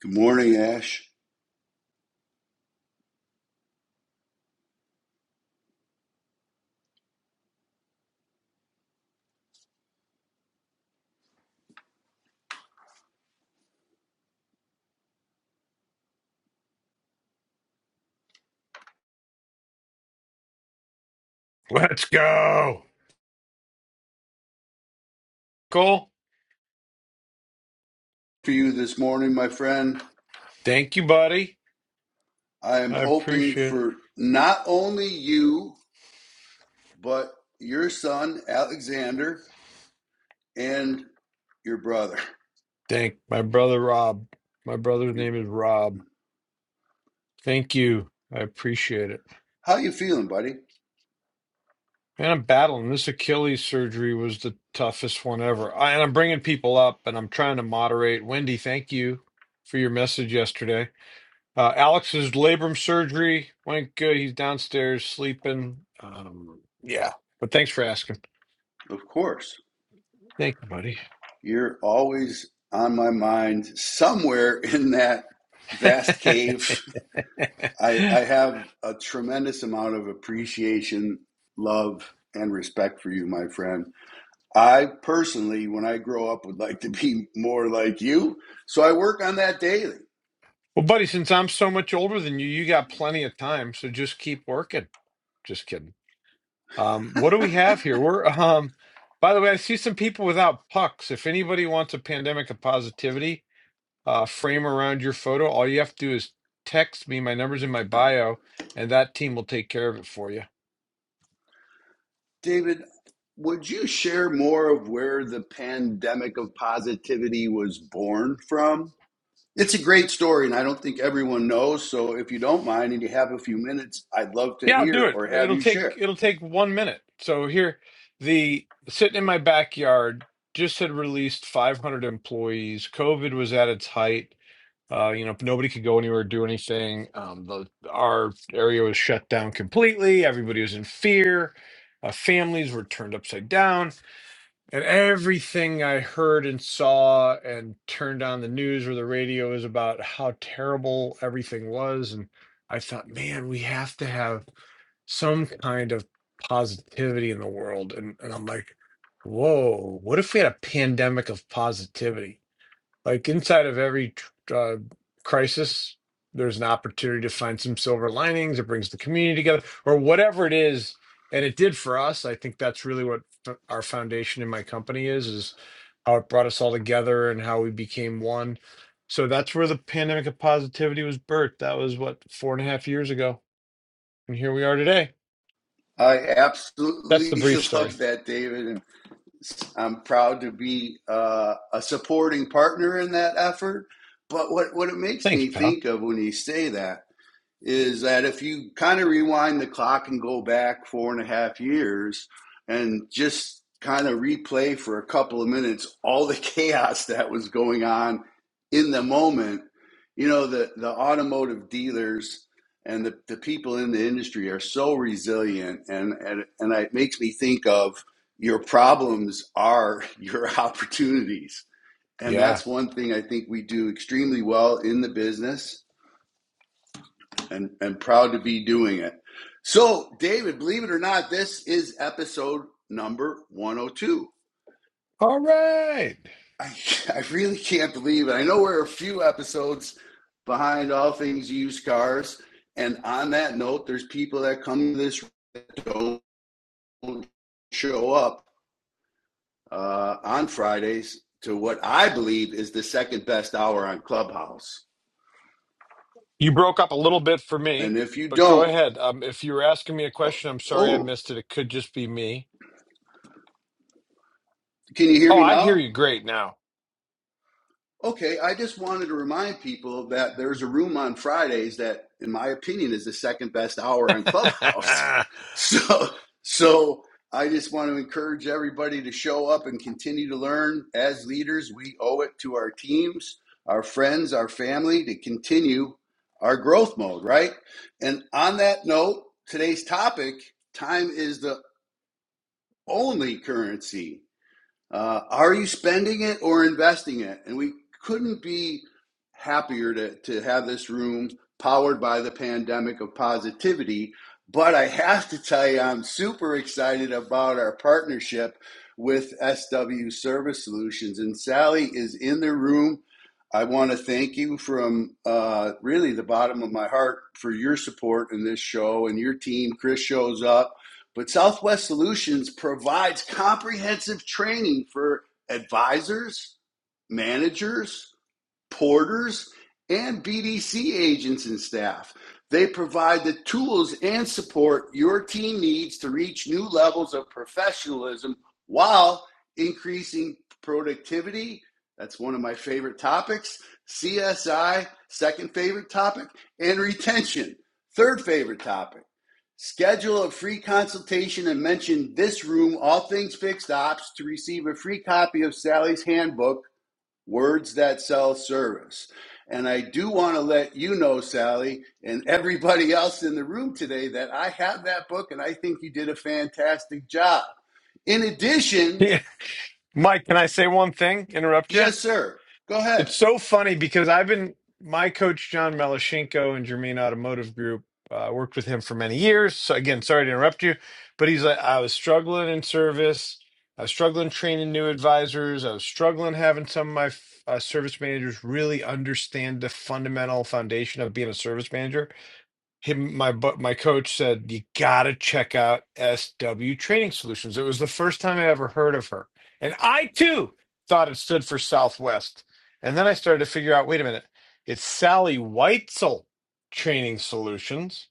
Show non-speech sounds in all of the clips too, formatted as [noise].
Good morning, Ash. Let's go. Cool. For you this morning, my friend, Thank you, buddy. I am I hoping appreciate it. for not only you, but your son, Alexander, and your brother. Thank my brother Rob. My brother's Your, name is Rob. Thank you. I appreciate it. how you feeling, buddy? And I'm battling. This Achilles surgery was the toughest one ever. I, and I'm bringing people up and I'm trying to moderate. Wendy, thank you for your message yesterday. Uh, Alex's labrum surgery went good. He's downstairs sleeping. Um, yeah. But thanks for asking. Of course. Thank you, buddy. You're always on my mind somewhere [laughs] in that vast cave. I, [laughs] I have a tremendous amount of appreciation, love, and respect for you, my friend I personally, when I grow up, would like to be more like you. So I work on that daily. Well, buddy, since I'm so much older than you, you got plenty of time, so just keep working. Just kidding. Um, what do we have here? We're um by the way, I see some people without pucks. If anybody wants a pandemic of positivity uh frame around your photo, all you have to do is text me. My number's in my bio, and that team will take care of it for you. David, would you share more of where the pandemic of positivity was born from? It's a great story, and I don't think everyone knows. So if you don't mind and you have a few minutes, I'd love to Yeah, I'll do hear it. or have It'll you take share. it'll take one minute. So here, the sitting in my backyard just had released 500 employees. COVID was at its height Uh, you know, nobody could go anywhere, or do anything. Um, the our area was shut down completely. Everybody was in fear. Uh, families were turned upside down, and everything I heard and saw and turned on the news or the radio was about how terrible everything was. And I thought, man, we have to have some kind of positivity in the world. And, and I'm like, whoa, what if we had a pandemic of positivity? Like inside of every uh, crisis, there's an opportunity to find some silver linings. It brings the community together, or whatever it is. And it did for us. I think that's really what f- our foundation in my company is: is how it brought us all together and how we became one. So that's where the pandemic of positivity was birthed. That was what four and a half years ago, and here we are today. I That's the absolutely brief [laughs] love story. that, David. And I'm proud to be uh, a supporting partner in that effort. But what, what it makes Thanks, me pal. think of when you say that is that if you kind of rewind the clock and go back four and a half years and just kind of replay for a couple of minutes all the [laughs] chaos that was going on in the moment, you know, the, the automotive dealers and the, the people in the industry are so resilient and, and, and it makes me think of your problems are [laughs] your opportunities. And Yeah. that's one thing I think we do extremely well in the business and and proud to be doing it. So, David, believe it or not, this is episode number 102. All right. I, [laughs] I really can't believe it. I know we're a few episodes behind all things used cars, and on that note, there's people that come to this don't show up uh, on Fridays to what I believe is the second best hour on Clubhouse. You broke up a little bit for And me, if you but go don't, ahead. Um, if you were asking me a oh, question, I'm sorry I oh, missed it. It could just be me. can you hear Oh, me I hear now? you great now. Okay, I just wanted to remind people that there's a room on Fridays that, in my opinion, is the second best hour on Clubhouse. [laughs] [laughs] So, so I just want to encourage everybody to show up and continue to learn. As leaders, we owe it to our teams, our friends, our family to continue our growth mode, right? And on that note, today's topic time is the only currency uh, are you spending it or investing it? And we couldn't be happier to, to have this room powered by the pandemic of positivity. But I have to tell you, I'm super excited about our partnership with SW Service Solutions. And Sally is in the room. I want to thank you from uh, really the bottom of my heart for your support in this show and your team. Chris shows up but Southwest Solutions provides comprehensive training for advisors, managers, porters, and BDC agents and staff. They provide the tools and support your team needs to reach new levels of professionalism while increasing productivity. That's one of my favorite topics. CSI, second favorite topic, and retention, third favorite topic. Schedule a free consultation and mention this room, All Things Fixed Ops, to receive a free copy of Sally's handbook words that sell service. And I do want to let you know, Sally, and everybody else in the room today, that I have that book and I think you did a fantastic job. In addition, Yeah. Mike, can I say one thing? Interrupt you? yes, sir, go It's ahead. so funny because I've been my coach John Melashenko in Germain Automotive Group. uh, worked with him for many years. So again, sorry to interrupt you, but he's like, I was struggling in service. I was struggling training new advisors. I was struggling having some of my uh, service managers really understand the fundamental foundation of being a service manager him my bu- my coach said you gotta check out sw training solutions it was the first time i ever heard of her and i too thought it stood for southwest and then i started to figure out wait a minute it's sally weitzel training solutions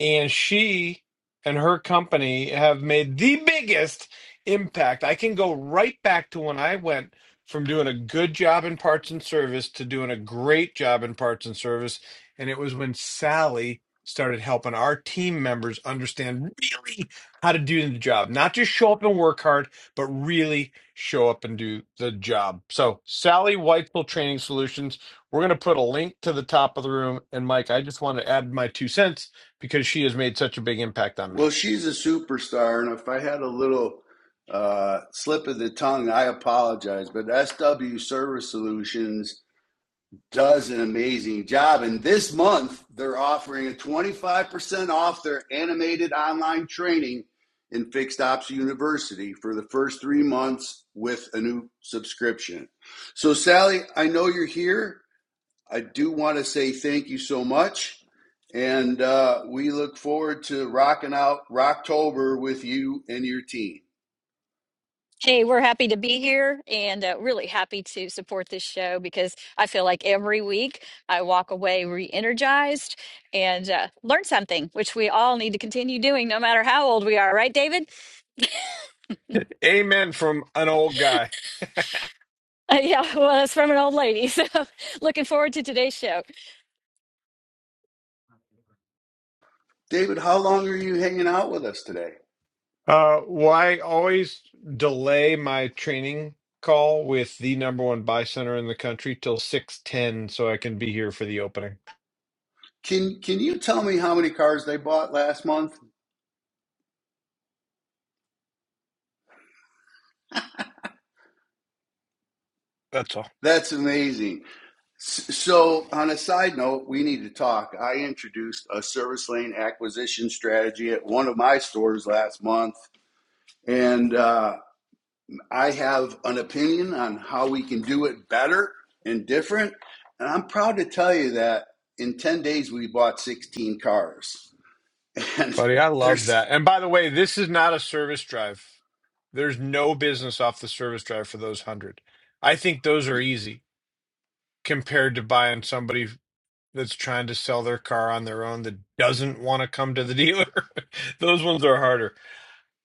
and she and her company have made the biggest impact. I can go right back to when I went from doing a good job in parts and service to doing a great job in parts and service. And it was when Sally started helping our team members understand really how to do the job, not just show up and work hard, but really show up and do the job. So, Sally Whitefield Training Solutions, we're going to put a link to the top of the room. And Mike, I just want to add my two cents because she has made such a big impact on Well, me. she's a superstar, and if I had a little uh, slip of the tongue, I apologize. But SW Service Solutions does an amazing job. And this month, they're offering a 25% off their animated online training in Fixed Ops University for the first three months with a new subscription. So, Sally, I know you're here. I do want to say thank you so much. And uh, we look forward to rocking out Rocktober with you and your team. Hey, we're happy to be here and uh, really happy to support this show because I feel like every week I walk away re energized and uh, learn something, which we all need to continue doing no matter how old we are, right, David? [laughs] Amen from an old guy. Uh, yeah, well, that's from an old lady. [laughs] So looking forward to today's show. David, how long are you hanging out with us today? Uh, why always delay my training call with the number one buy center in the country till six ten so I can be here for the opening. Can can you tell me how many cars they bought last month? That's all, That's amazing. So, on a side note, we need to talk. I introduced a service lane acquisition strategy at one of my stores last month, and uh, I have an opinion on how we can do it better and different. And I'm proud to tell you that in 10 days, we bought 16 cars. [laughs] And buddy. I love there's that. And by the way, this is not a service drive. There's no business off the service drive for those hundred. I think those are easy compared to buying somebody that's trying to sell their car on their own that doesn't want to come to the dealer. [laughs] those ones are harder.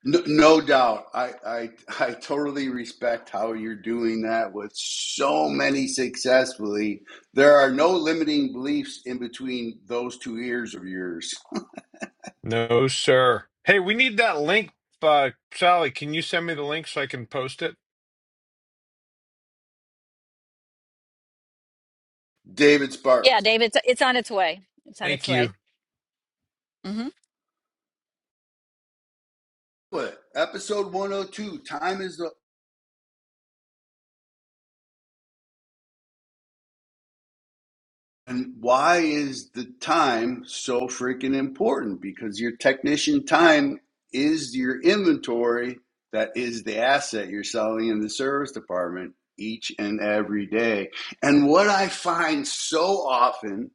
No, no doubt. I, I I totally respect how you're doing that with so many successfully. There are no limiting beliefs in between those two ears of yours. No, sir. Hey, we need that link. Uh, Sally, can you send me the link so I can post it? David Yeah, Sparks. David, it's, it's on its way. It's on its Thank you. way. hmm What? Episode 102. Time is the And why is the time so freaking important? Because your technician time is your inventory that is the asset you're selling in the service department each and every day. And what I find so often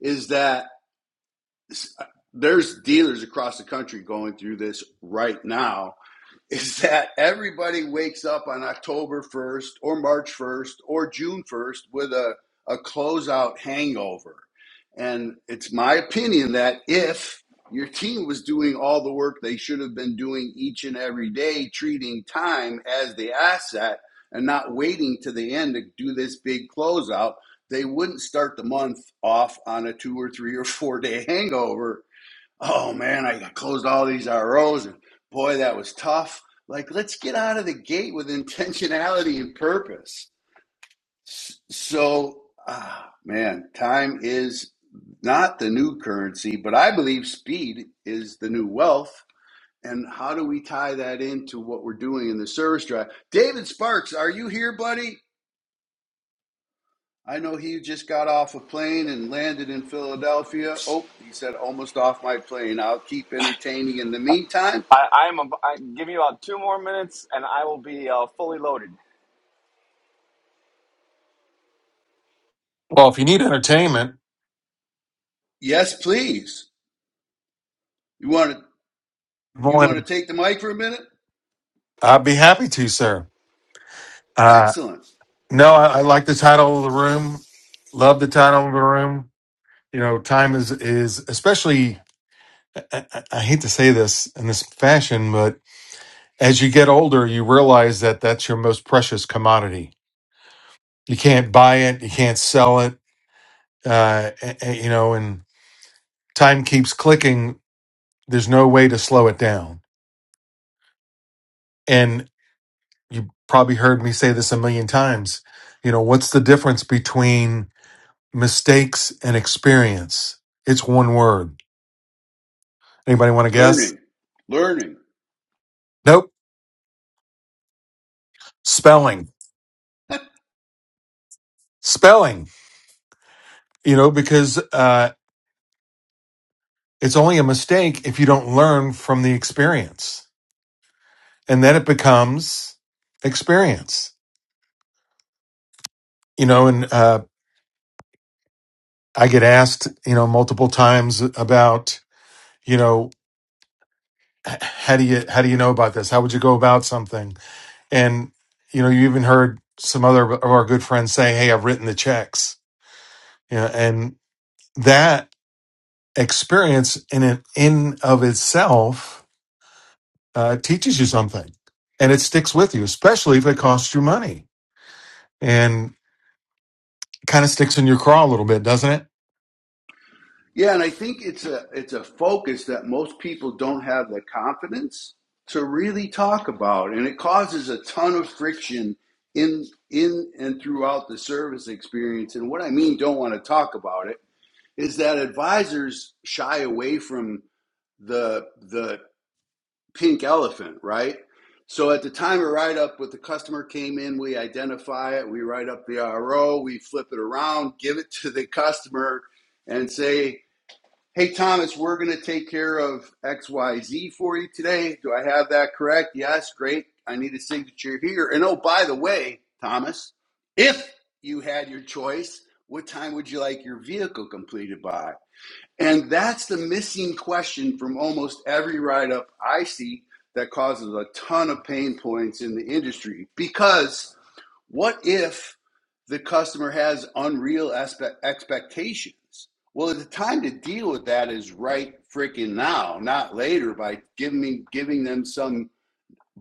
is that there's dealers across the country going through this right now is that everybody wakes up on October 1st or March 1st or June 1st with a, a closeout hangover. And it's my opinion that if your team was doing all the work they should have been doing each and every day, treating time as the asset and not waiting to the end to do this big closeout, they wouldn't start the month off on a two or three or four day [laughs] hangover oh man, I closed all these ROs and boy, that was tough. Like, let's get out of the gate with [laughs] intentionality and purpose. So, ah, man, time is not the new currency, but I believe speed is the new wealth. And how do we tie that into what we're doing in the service drive? David Sparks, are you here, buddy? I know he just got off a plane and landed in Philadelphia. Oh, he said, almost off my plane. I'll keep entertaining in the meantime. I, I'm. ab- I, give me about two more minutes, and I will be uh, fully loaded. Well, if you need entertainment, Yes, please. You want to you want to Morning. take the mic for a minute? I'd be happy to, sir. Uh, Excellent. no, I, I like the title of the room. Love the title of the room. You know, time is is especially. I, I I hate to say this in this fashion, but as you get older, you realize that that's your most precious commodity. You can't buy it. You can't sell it. Uh, a- a- you know, and time keeps clicking. There's no way to slow it down. you probably heard me say this a million times. You know, what's the difference between mistakes and experience? It's one word. Anybody want to guess? Learning, learning. Nope. Spelling. Spelling. You know, because uh, it's only a mistake if you don't learn from the experience, and then it becomes experience. You know, and uh, I get asked, you know, multiple times about, you know, h- how do you how do you know about this? How would you go about something? and you know you even heard some other of our good friends say hey i've written the checks you know and that experience in an, in of itself uh, teaches you something and it sticks with you especially if it costs you money and kind of sticks in your craw a little bit doesn't it Yeah, and I think it's a it's a focus that most people don't have the confidence to really talk about, and it causes a ton of friction in in and throughout the service experience. And what I mean, don't want to talk about it, is that advisors shy away from the the pink elephant, right? So at the time of write up, with the customer came in, we identify it, we write up the RO, we flip it around, give it to the customer, and say, "Hey Thomas, we're going to take care of X Y Z for you today. Do I have that correct? Yes, great. I need a signature here. And oh, by the way, Thomas, if you had your choice, what time would you like your vehicle completed by? And that's the missing question from almost every write up I see that causes a ton of pain points in the industry. Because what if the customer has unreal expectations? Well, the time to deal with that is right freaking now, not later by giving me, giving them some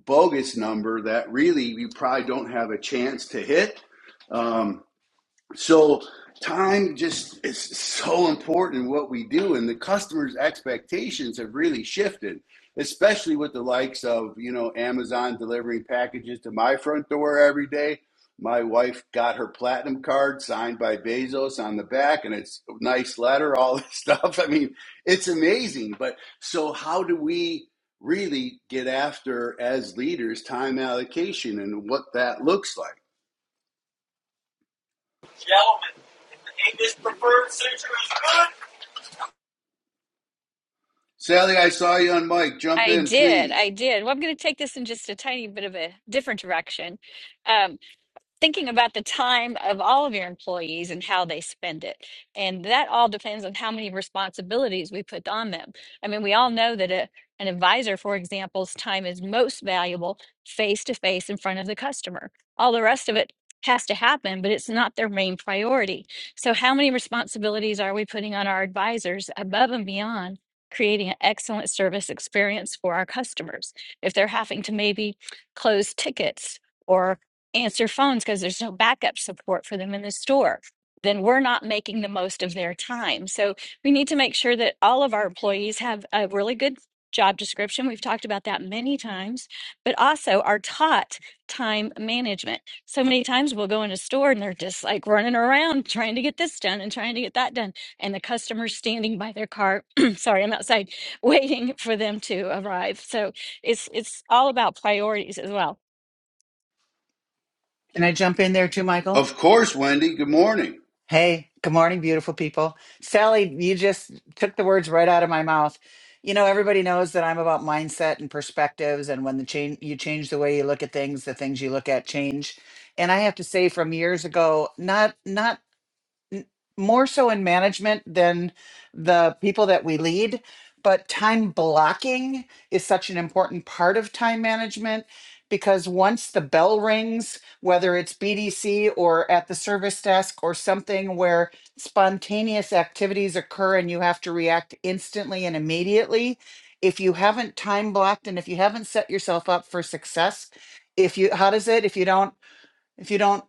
bogus number that really you probably don't have a chance to hit. Um, so time just is so important what we do and the customers expectations have really shifted especially with the likes of you know amazon delivering packages to my front door every day my wife got her platinum card signed by bezos on the back and it's a nice letter all this stuff [laughs] i mean it's amazing but so how do we really get after as leaders time allocation and what that looks like Gentlemen, is the English preferred century good? Sally, I saw you on mic. Jump I in, did. I please. did. Well, I'm going to take this in just a tiny bit of a different direction. Um, thinking about the time of all of your employees and how they spend it. And that all depends on how many responsibilities we put on them. I mean, we all know that a, an advisor, for example's time is most valuable face to face in front of the customer. All the rest of it has to happen, but it's not their main priority. So, how many responsibilities are we putting on our advisors above and beyond? Creating an excellent service experience for our customers. If they're having to maybe close tickets or answer phones because there's no backup support for them in the store, then we're not making the most of their time. So we need to make sure that all of our employees have a really good job description. We've talked about that many times, but also are taught time management. So many times we'll go in a store and they're just like running around trying to get this done and trying to get that done. And the customer's standing by their car. [clears throat] Sorry, I'm outside [laughs] waiting for them to arrive. So it's it's all about priorities as well. Can I jump in there too, Michael? Of course, Wendy. Good morning. Hey, good morning, beautiful people. Sally, you just took the words right out of my mouth. You know, everybody knows that I'm about mindset and perspectives, and when the change you change the way you look at things, the things you look at change. And I have to say, from years ago, not not n- more so in management than the people that we lead but time blocking is such an important part of time management because once the bell rings whether it's bdc or at the service desk or something where spontaneous activities occur and you have to react instantly and immediately if you haven't time blocked and if you haven't set yourself up for success if you how does it if you don't if you don't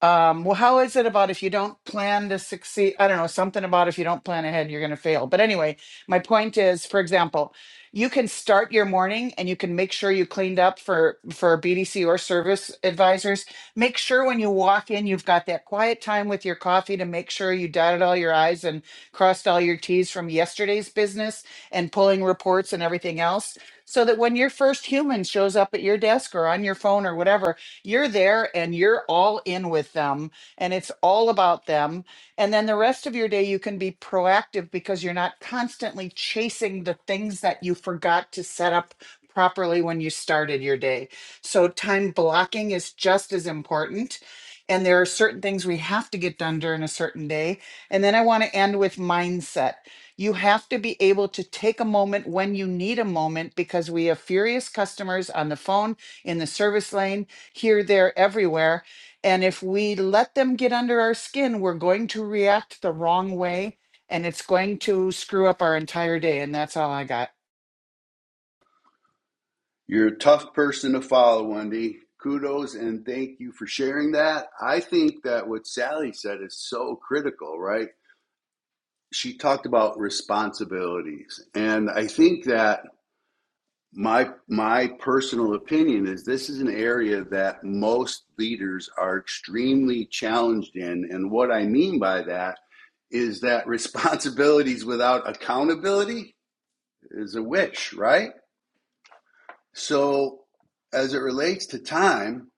um, well, how is it about if you don't plan to succeed? I don't know, something about if you don't plan ahead, you're going to fail. But anyway, my point is, for example, you can start your morning and you can make sure you cleaned up for for BDC or service advisors. Make sure when you walk in, you've got that quiet time with your coffee to make sure you dotted all your I's and crossed all your T's from yesterday's business and pulling reports and everything else. So that when your first human shows up at your desk or on your phone or whatever, you're there and you're all in with them and it's all about them. And then the rest of your day, you can be proactive because you're not constantly chasing the things that you forgot to set up properly when you started your day. So time blocking is just as important. And there are certain things we have to get done during a certain day. And then I want to end with mindset. You have to be able to take a moment when you need a moment because we have furious customers on the phone, in the service lane here, there, everywhere. And if we let them get under our skin, we're going to react the wrong way and it's going to screw up our entire day. And that's all I got. You're a tough person to follow, Wendy. Kudos and thank you for sharing that. I think that what Sally said is so critical, right? She talked about responsibilities. And I think that my my personal opinion is this is an area that most leaders are extremely challenged in. And what I mean by that is that [laughs] responsibilities without accountability is a wish, right? So, as it relates to time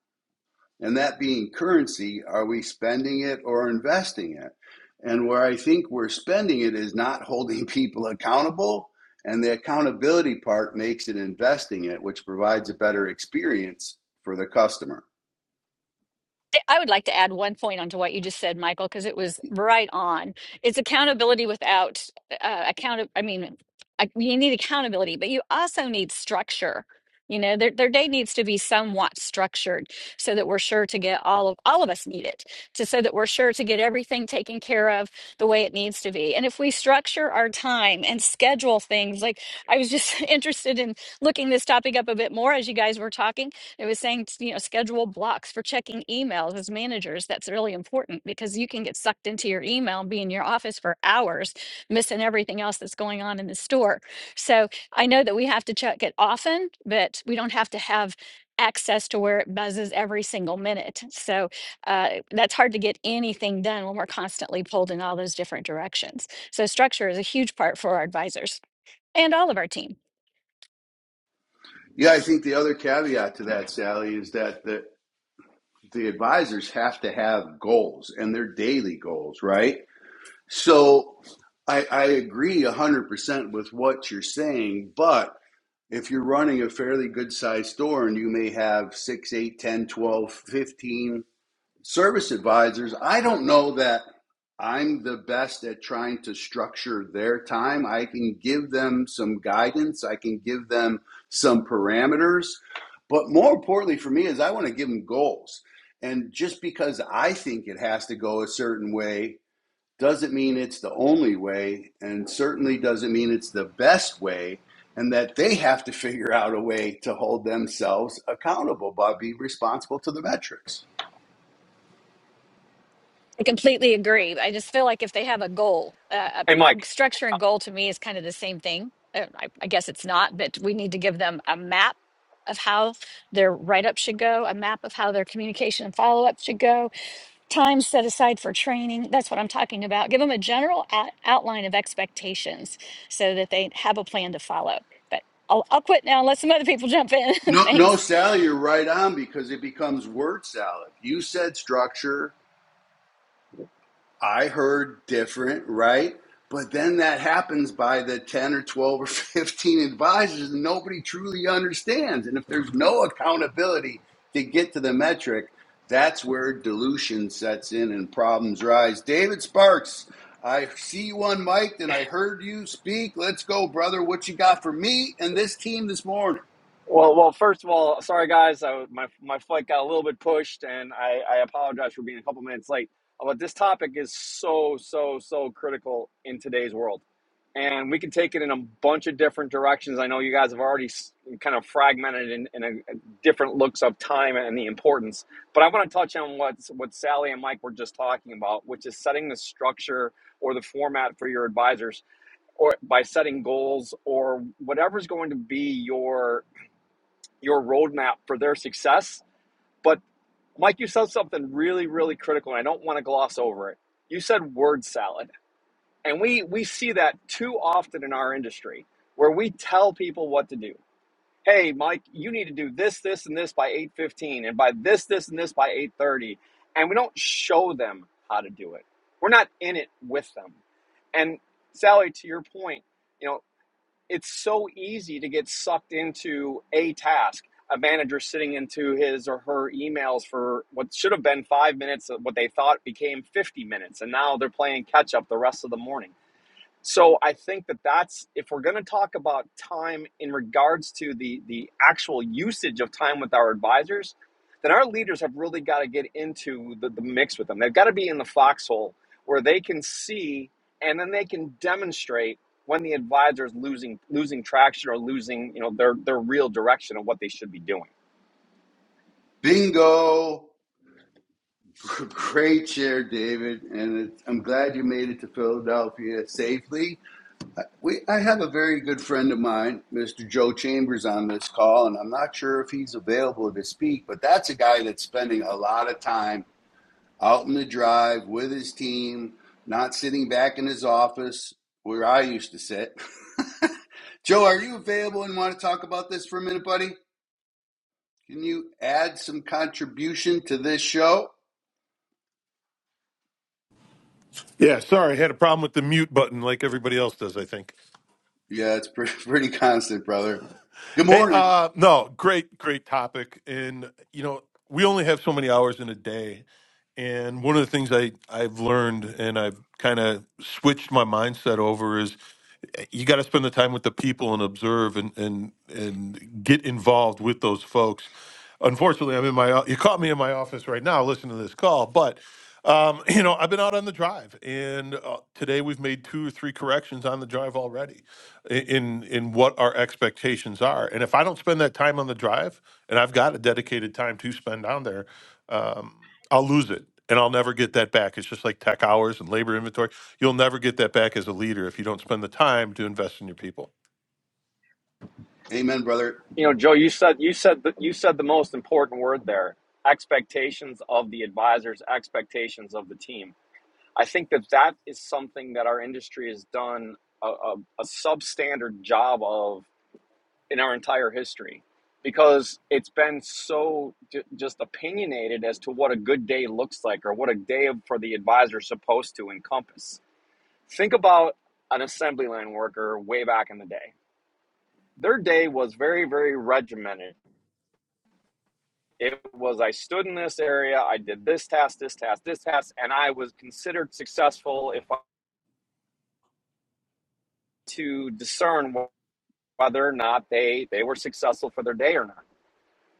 and that being currency, are we spending it or investing it? And where I think we're spending it is not [laughs] holding people accountable. And the accountability part makes it investing it, which provides a better experience for the customer. I would like to add one point onto what you just said, Michael, because it was right on. It's accountability without uh, account. I mean, I, you need accountability, but you also need structure. You know, their their day needs to be somewhat structured so that we're sure to get all of all of us need it to so that we're sure to get everything taken care of the way it needs to be. And if we structure our time and schedule things, like I was just [laughs] interested in looking this topic up a bit more as you guys were talking it was saying, you know, schedule blocks for checking emails as managers. That's really important because you can get sucked into your email and be in your office for hours, missing everything else that's going on in the store. So I know that we have to check it often, but we don't have to have access to where it buzzes every single minute. So uh, that's hard to get anything done when we're constantly pulled in all those different directions. So structure is a huge part for our advisors and all of our team. Yeah, I think the other caveat to that, Sally, is that the, the advisors have to have goals and their daily goals, right? So I, I agree 100% with what you're saying, but if you're running a fairly good sized store and you may have 6, eight, ten, twelve, fifteen service advisors, I don't know that I'm the best at trying to structure their time. I can give them some guidance, I can give them some parameters. But more importantly for me is I want to give them goals. And just because I think it has to go a certain way doesn't mean it's the only way, and certainly doesn't mean it's the best way, and that they have to figure out a way to hold themselves accountable by being responsible to the metrics. I completely agree. I just feel like if they have a goal, uh, I- Hey, I'm Mike. structuring goal to me is kind of the same thing. Uh, I, I guess it's not, but we need to give them a map of how their write up should go, a map of how their communication and follow up should go, time set aside for training. That's what I'm talking about. Give them a general out- outline of expectations so that they have a plan to follow. But I'll, I'll quit now and let some other people jump in. [laughs] No, no, Thanks. Sally, you're right on because it becomes word salad. You said structure. I heard different, right? But then that happens by the 10 or 12 or [laughs] 15 advisors, and nobody truly understands. And if there's no accountability to get to the metric, that's where dilution sets in and problems rise. David Sparks, I see you on mic and I heard you speak. Let's go, brother. What you got for me and this team this morning? Well, well. First of all, sorry guys, I, my my flight got a little bit pushed, and I, I apologize for being a couple minutes late. Uh, But this topic is so so so critical in today's world. and we can take it in a bunch of different directions. I know you guys have already kind of fragmented in, in a, a different looks of time and the importance, but I want to touch on what what Sally and Mike were just talking about, which is setting the structure or the format for your advisors, or by setting goals or whatever's going to be your your roadmap for their success. But Mike, you said something really, really critical, and I don't want to gloss over it. You said word salad and we we see that too often in our industry where we tell people what to do. Hey, Mike, you need to do this, this, and this by 8:15 and by this, this, and this by 8:30. And we don't show them how to do it. We're not in it with them. And Sally, to your point, you know, it's so easy to get sucked into a task. A manager sitting into his or her emails for what should have been five minutes, what they thought became 50 minutes, and now they're playing catch up the rest of the morning so I think that that's if we're going to talk about time in regards to the the actual usage of time with our advisors, then our leaders have really got to get into the, the mix with them. They've got to be in the foxhole where they can see and then they can demonstrate when the advisor is losing losing traction or losing you know their their real direction of what they should be doing. Bingo. [laughs] Great share, David, and it's, I'm glad you made it to Philadelphia safely. Uh, We, I have a very good friend of mine, Mr. Joe Chambers, on this call, and I'm not sure if he's available to speak, but that's a guy that's spending a lot of time out in the drive with his team, not sitting back in his office where I used to sit. [laughs] Joe, are you available and want to talk about this for a minute, buddy? Can you add some contribution to this show? Yeah, sorry, I had a problem with the mute button like everybody else does, I think. Yeah, it's pretty, [laughs] pretty constant, brother. Good Hey, morning. uh no, great great topic and you know, we only have so many hours in a day and one of the things I I've learned and I've kind of switched my mindset over is you got to spend the time with the people and observe and and and get involved with those folks. Unfortunately, I'm in my you caught me in my office right now listening to this call, but um, you know I've been out on the drive, and uh, today we've made two or three corrections on the drive already i- in in what our expectations are. And if I don't spend that time on the drive, and I've got a dedicated time to spend down there, um, I'll lose it. And I'll never get that back. It's just like tech hours and labor inventory You'll never get that back as a leader if you don't spend the time to invest in your people. Amen, brother. You know, Joe, you said you said the, you said the most important word there: expectations of the advisors, expectations of the team I think that that is something that our industry has done a, a, a substandard job of in our entire history because it's been so j- just opinionated as to what a good day looks like or what a day for the advisor is supposed to encompass. Think about an assembly line worker way back in the day. Their day was very, very regimented. It was I stood in this area, I did this task, this task, this task, and I was considered successful if I to discern what whether or not they they were successful for their day or not.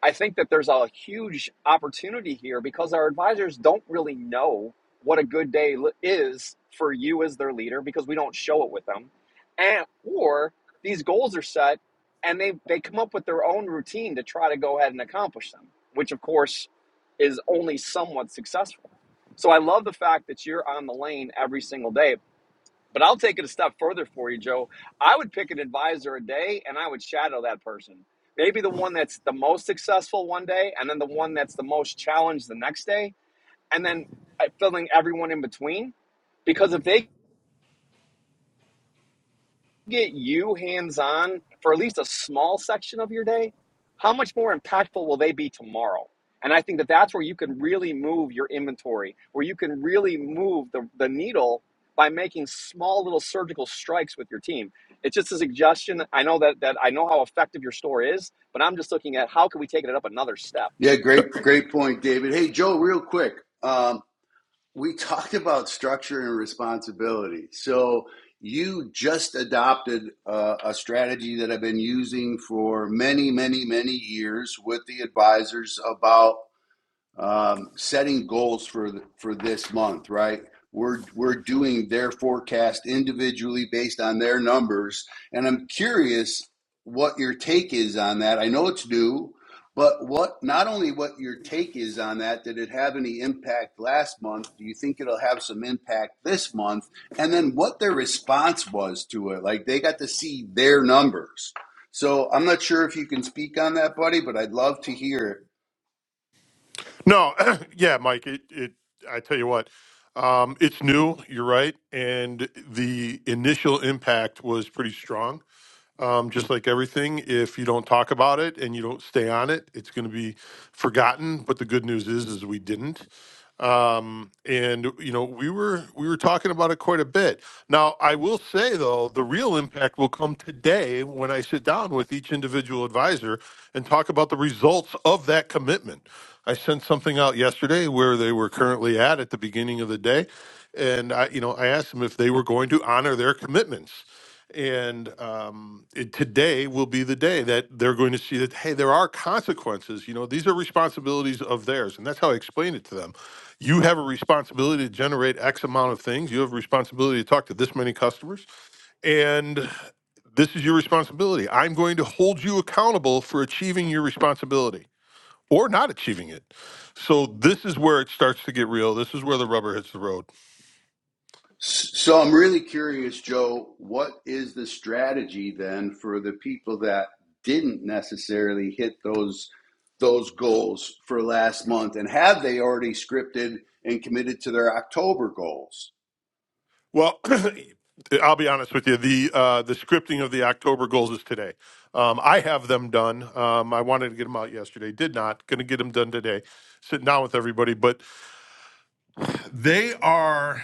I think that there's a huge opportunity here because our advisors don't really know what a good day is for you as their leader because we don't show it with them. And or these goals are set and they they come up with their own routine to try to go ahead and accomplish them, which of course is only somewhat successful. So I love the fact that you're on the lane every single day but I'll take it a step further for you, Joe. I would pick an advisor a day and I would shadow that person. Maybe the one that's the most successful one day and then the one that's the most challenged the next day and then uh, filling everyone in between because if they get you hands on for at least a small section of your day, how much more impactful will they be tomorrow? And I think that that's where you can really move your inventory, where you can really move the, the needle by making small little surgical strikes with your team. It's just a suggestion. I know that, that I know how effective your store is, but I'm just looking at how can we take it up another step. Yeah, great, great point, David. Hey, Joe, real quick. Um, we [laughs] talked about structure and responsibility. So you just adopted uh, a strategy that I've been using for many, many, many years with the advisors about um, setting goals for the, for this month, right? We're we're doing their forecast individually based on their numbers, and I'm curious what your take is on that. I know it's new, but what not only what your take is on that, did it have any impact last month? Do you think it'll have some impact this month? And then what their response was to it. Like they got to see their numbers. So I'm not sure if you can speak on that, buddy, but I'd love to hear it. No, [clears throat] yeah, Mike. It, it. I tell you what, um, it's new. You're right, and the initial impact was pretty strong. Um, just like everything, if you don't talk about it and you don't stay on it, it's going to be forgotten. But the good news is, is we didn't. um, and you know we were we were talking about it quite a bit. Now I will say though the real impact will come today when I sit down with each individual advisor and talk about the results of that commitment. I sent something out yesterday where they were currently at at the beginning of the day, and I you know I asked them if they were going to honor their commitments. And um, it, today will be the day that they're going to see that hey, there are consequences. You know, these are responsibilities of theirs, and that's how I explained it to them you have a responsibility to generate X amount of things. You have a responsibility to talk to this many customers. And this is your responsibility. I'm going to hold you accountable for achieving your responsibility or not achieving it. So this is where it starts to get real. This is where the rubber hits the road. So I'm really curious, Joe, what is the strategy then for the people that didn't necessarily hit those those goals for last month and have they already scripted and committed to their October goals? Well, [clears throat] I'll be honest with you. The uh, the scripting of the October goals is today. Um, I have them done. Um, I wanted to get them out yesterday, did not. Going to get them done today. Sitting down with everybody, but they are.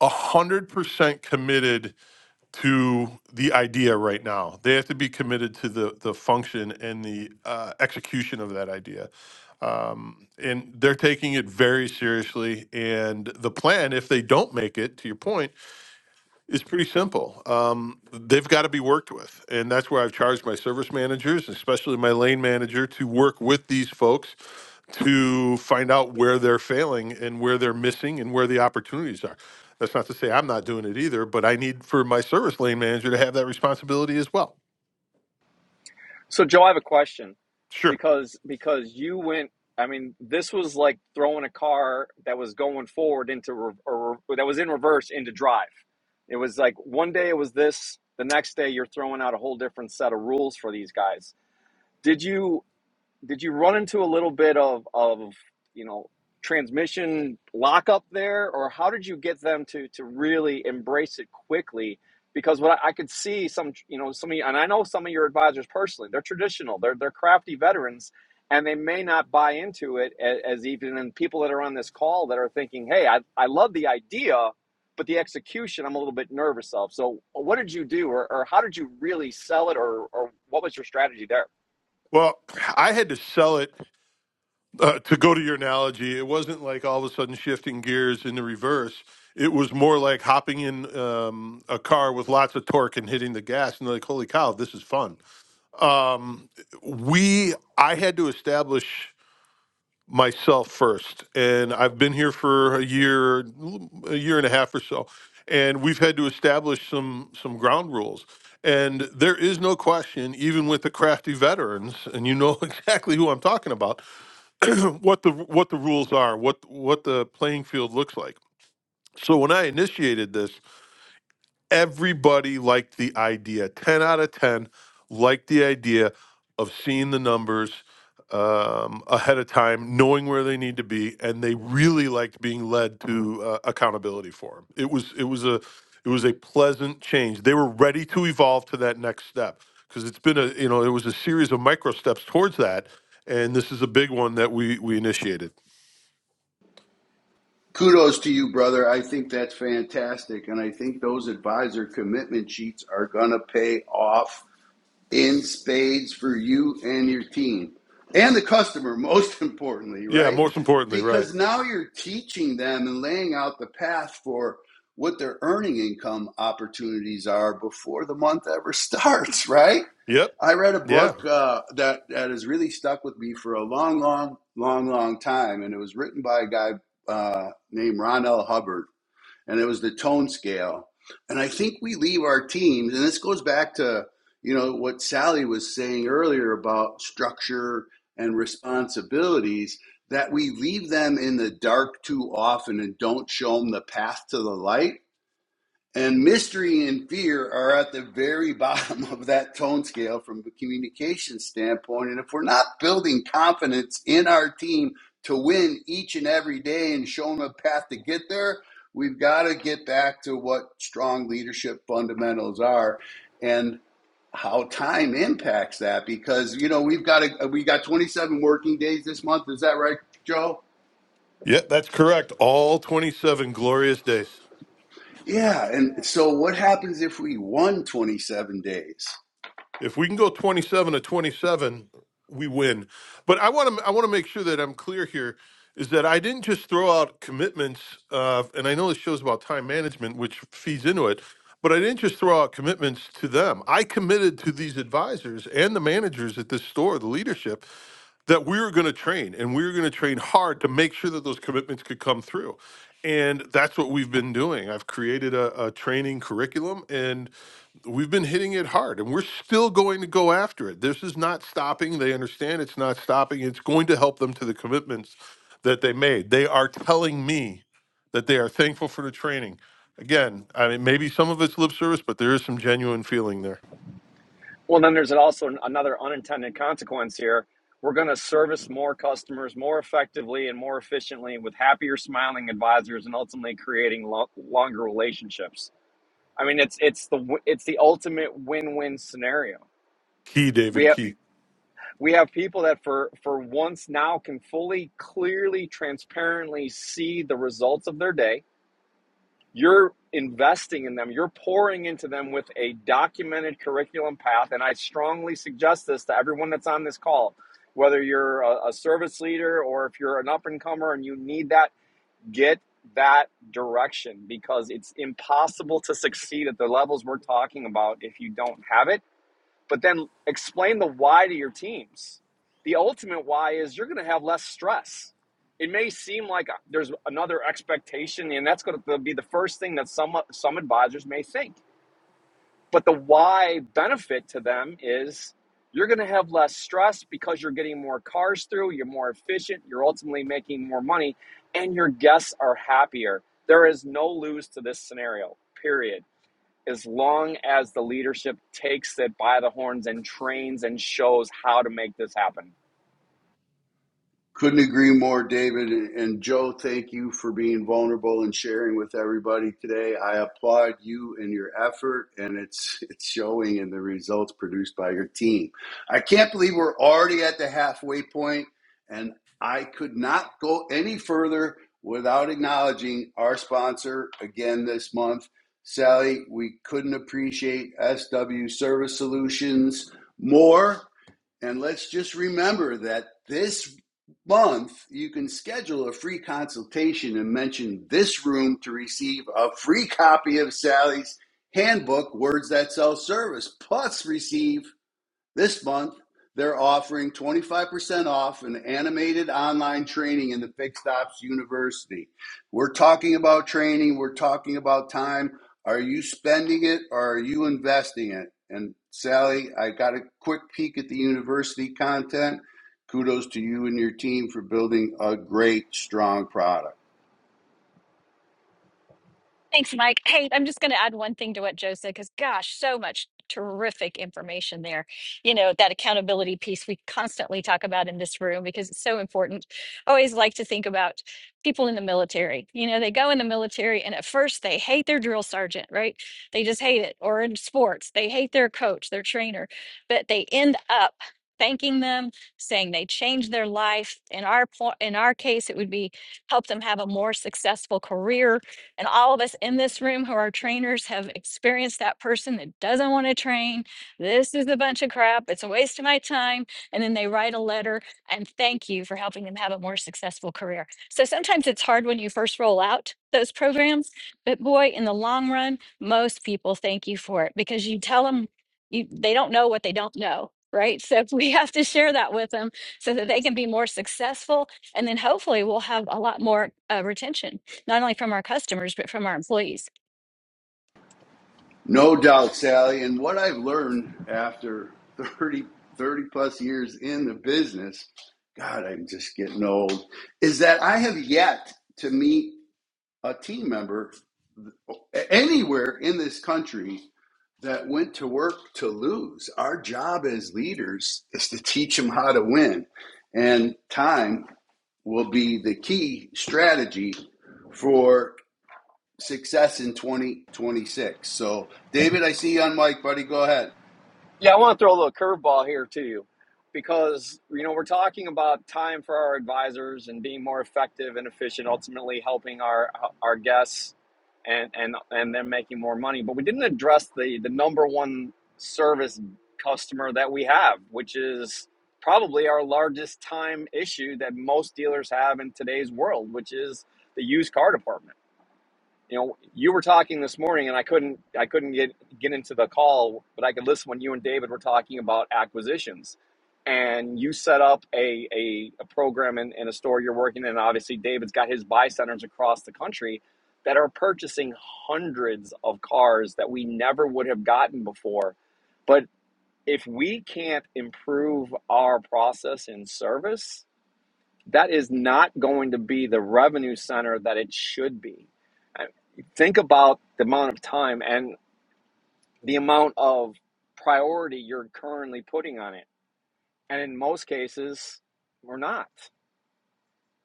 100% committed to the idea right now. They have to be committed to the the function and the uh, execution of that idea. And they're taking it very seriously and the plan if they don't make it to your point it's pretty simple. Um, they've got to be worked with. And that's where I've charged my service managers, especially my lane manager, to work with these folks to find out where they're failing and where they're missing and where the opportunities are. That's not to say I'm not doing it either, but I need for my service lane manager to have that responsibility as well. So Joe, I have a question Sure. because because you went. I mean, this was like throwing a car that was going forward into re- or re- that was in reverse into drive. It was like one day it was this, the next day you're throwing out a whole different set of rules for these guys. Did you? did you run into a little bit of of you know transmission lockup there or how did you get them to to really embrace it quickly because what I, I could see some you know some of you, and I know some of your advisors personally they're traditional they're they're crafty veterans and they may not buy into it as, as even and people that are on this call that are thinking hey I, I love the idea but the execution I'm a little bit nervous of so what did you do or, or how did you really sell it or or what was your strategy there Well, I had to sell it uh, to go to your analogy, it wasn't like all of a sudden shifting gears in the reverse. It was more like hopping in um, a car with lots of torque and hitting the gas, and like, holy cow, this is fun. Um, we, I had to establish myself first, and I've been here for a year, a year and a half or so, and we've had to establish some some ground rules. And there is no question, even with the crafty veterans, and you know [laughs] exactly who I'm talking about [clears throat] what the what the rules are, what what the playing field looks like. So when I initiated this, everybody liked the idea. Ten out of ten liked the idea of seeing the numbers um, ahead of time, knowing where they need to be, and they really liked being led to uh, accountability for them. It was it was a it was a pleasant change. They were ready to evolve to that next step because it's been a you know it was a series of micro steps towards that, and this is a big one that we we initiated. Kudos to you, brother. I think that's fantastic and I think those advisor commitment sheets are going to pay off in spades for you and your team and the customer, [laughs] most importantly, Yeah, right? most importantly, right. Because now you're teaching them and laying out the path for what their earning income opportunities are before the month ever [laughs] starts, right? Yep. I read a book Yeah. uh, that, that has really stuck with me for a long, long, long, long time, and it was written by a guy uh, named Ron L. Hubbard and it was the tone scale. And I think we leave our teams, and this goes back to you know what Sally was saying earlier about structure and responsibilities. That we leave them in the dark too often and don't show them the path to the light and mystery and fear are at the very [laughs] bottom of that tone scale from a communication standpoint. And if we're not building confidence in our team to win each and every day and showing them a path to get there, we've got to get back to what strong leadership fundamentals are and how time impacts that because you know we've got a, we got 27 working days this month is that right joe Yep, that's correct. All 27 glorious days. yeah and so what happens if we won 27 days If we can go 27 to 27, we win. But I want to I want to make sure that I'm clear here is that I didn't just throw out commitments uh, and I know this show's about time management which feeds into it, but I didn't just throw out commitments to them. I committed to these advisors and the managers at this store, the leadership that we were going to train and we were going to train hard to make sure that those commitments could come through. And that's what we've been doing. I've created a, a training curriculum, and we've been hitting it hard and we're still going to go after it. This is not stopping. They understand it's not stopping. It's going to help them to the commitments that they made. They are telling me that they are thankful for the training. Again, I mean, maybe some of it's lip service, but there is some genuine feeling there. Well, then there's also another unintended consequence here. We're going to service more customers more effectively and more efficiently with happier, smiling advisors, and ultimately creating lo- longer relationships. I mean, it's it's the it's the ultimate win-win scenario. Key, We David have Key. we have people that for for once now can fully, clearly, transparently see the results of their day you're investing in them, you're pouring into them with a documented curriculum path. And I strongly suggest this to everyone that's on this call, whether you're a, a service leader or if you're an up and comer and you need that, get that direction because it's impossible to succeed at the levels we're talking about if you don't have it but then explain the why to your teams. The ultimate why is you're going to have less stress. It may seem like uh, there's another expectation, and that's going to be the first thing that some some advisors may think. But the why benefit to them is you're going to have less stress because you're getting more cars through, you're more efficient, you're ultimately making more money, and your guests are happier. There is no lose to this scenario. Period as long as the leadership takes it by the horns and trains and shows how to make this happen. Couldn't agree more, David. And Joe, thank you for being vulnerable and sharing with everybody today. I applaud you and your effort, and it's it's showing in the results produced by your team. I can't believe we're already at the halfway point, and I could not go any further without acknowledging our sponsor again this month. Sally, we couldn't appreciate SW Service Solutions more. And let's just remember that this month you can schedule a free consultation and mention this room to receive a free copy of Sally's handbook, Words That Sell Service, plus receive this month, they're offering 25% off an animated online training in the Fixed Ops University. We're talking about training, we're talking about time. Are you spending it or are you investing it? And Sally, I got a quick peek at the university content. Kudos to you and your team for building a great, strong product. Thanks, Mike. Hey, I'm just going to add one thing to what Joe said because, gosh, so much terrific information there. You know, that accountability piece we constantly talk about in this room because it's so important. I always like to think about people in the military. You know, they go in the military and at first they hate their drill sergeant, right? They just hate it. Or in sports, they hate their coach, their trainer, but they end up thanking them saying they changed their life in our po- in our case it would be help them have a more successful career and all of us in this room who are trainers have experienced that person that doesn't want to train. This is a bunch of crap. It's a waste of my time. And then they write a letter and thank you for helping them have a more successful career. So sometimes it's hard when you first roll out those programs, but boy, in the long run, most people thank you for it because you tell them you, they don't know what they don't know. Right. So [laughs] we have to share that with them so that they can be more successful. And then hopefully we'll have a lot more uh, retention not only from our customers, but from our employees. No doubt, Sally. And what I've learned after 30 30 plus years in the business, God, I'm just getting old, is that I have yet to meet a team member anywhere in this country that went to work to lose. Our job as leaders is to teach them how to win. And time will be the key strategy for success in 2026. So, David, I see you on mic, buddy. Go ahead. Yeah, I want to throw a little curveball here to you because you know we're talking about time for our advisors and being more effective and efficient, ultimately helping our our guests and and and them making more money. But we didn't address the the number one service customer that we have, which is probably our largest time issue that most dealers have in today's world, which is the used car department you know you were talking this morning and i couldn't i couldn't get get into the call but i could listen when you and david were talking about acquisitions and you set up a a, a program in, in a store you're working in obviously david's got his buy centers across the country that are purchasing hundreds of cars that we never would have gotten before but if we can't improve our process and service that is not going to be the revenue center that it should be. I- Think about the amount of time and the amount of priority you're currently putting on it. And in most cases, we're not.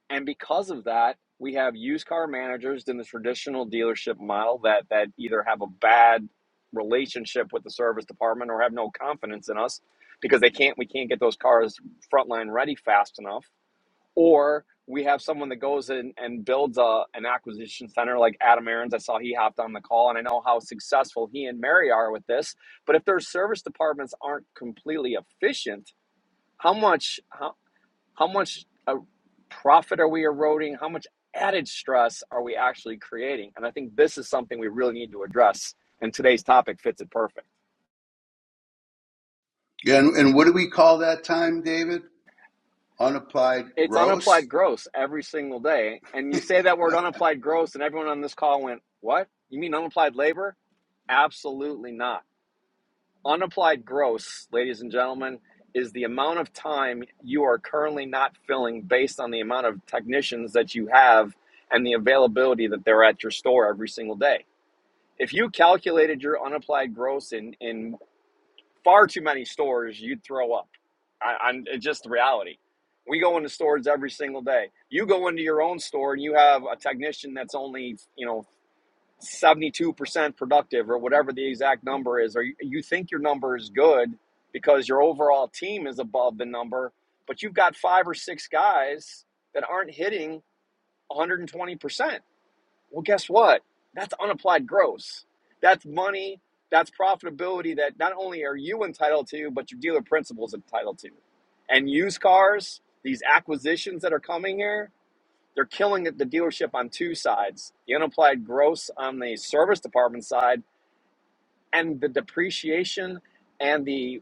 And because of that, we have used car managers in the traditional dealership model that, that either have a bad relationship with the service department or have no confidence in us because they can't we can't get those cars frontline ready fast enough or we have someone that goes in and builds a, an acquisition center like Adam Aarons. I saw he hopped on the call, and I know how successful he and Mary are with this. But if their service departments aren't completely efficient, how much how, how much uh profit are we eroding? How much added stress are we actually creating? And I think this is something we really need to address. And today's topic fits it perfect. Yeah, and, and what do we call that time, David? Unapplied It's gross? unapplied gross every single day. And you say that word unapplied gross, and everyone on this call went, "What? You mean unapplied labor?" Absolutely not. Unapplied gross, ladies and gentlemen, is the amount of time you are currently not filling based on the amount of technicians that you have and the availability that they're at your store every single day. If you calculated your unapplied gross in, in far too many stores, you'd throw up. I, I'm, it's just the reality. We go into stores every single day. You go into your own store and you have a technician that's only, you know, 72% productive or whatever the exact number is, or you, think your number is good because your overall team is above the number, but you've got five or six guys that aren't hitting 120%. Well, guess what? That's unapplied gross. That's money. That's profitability that not only are you entitled to, but your dealer principal is entitled to. And used cars, these acquisitions that are coming here, they're killing the dealership on two sides the unapplied gross on the service department side and the depreciation and the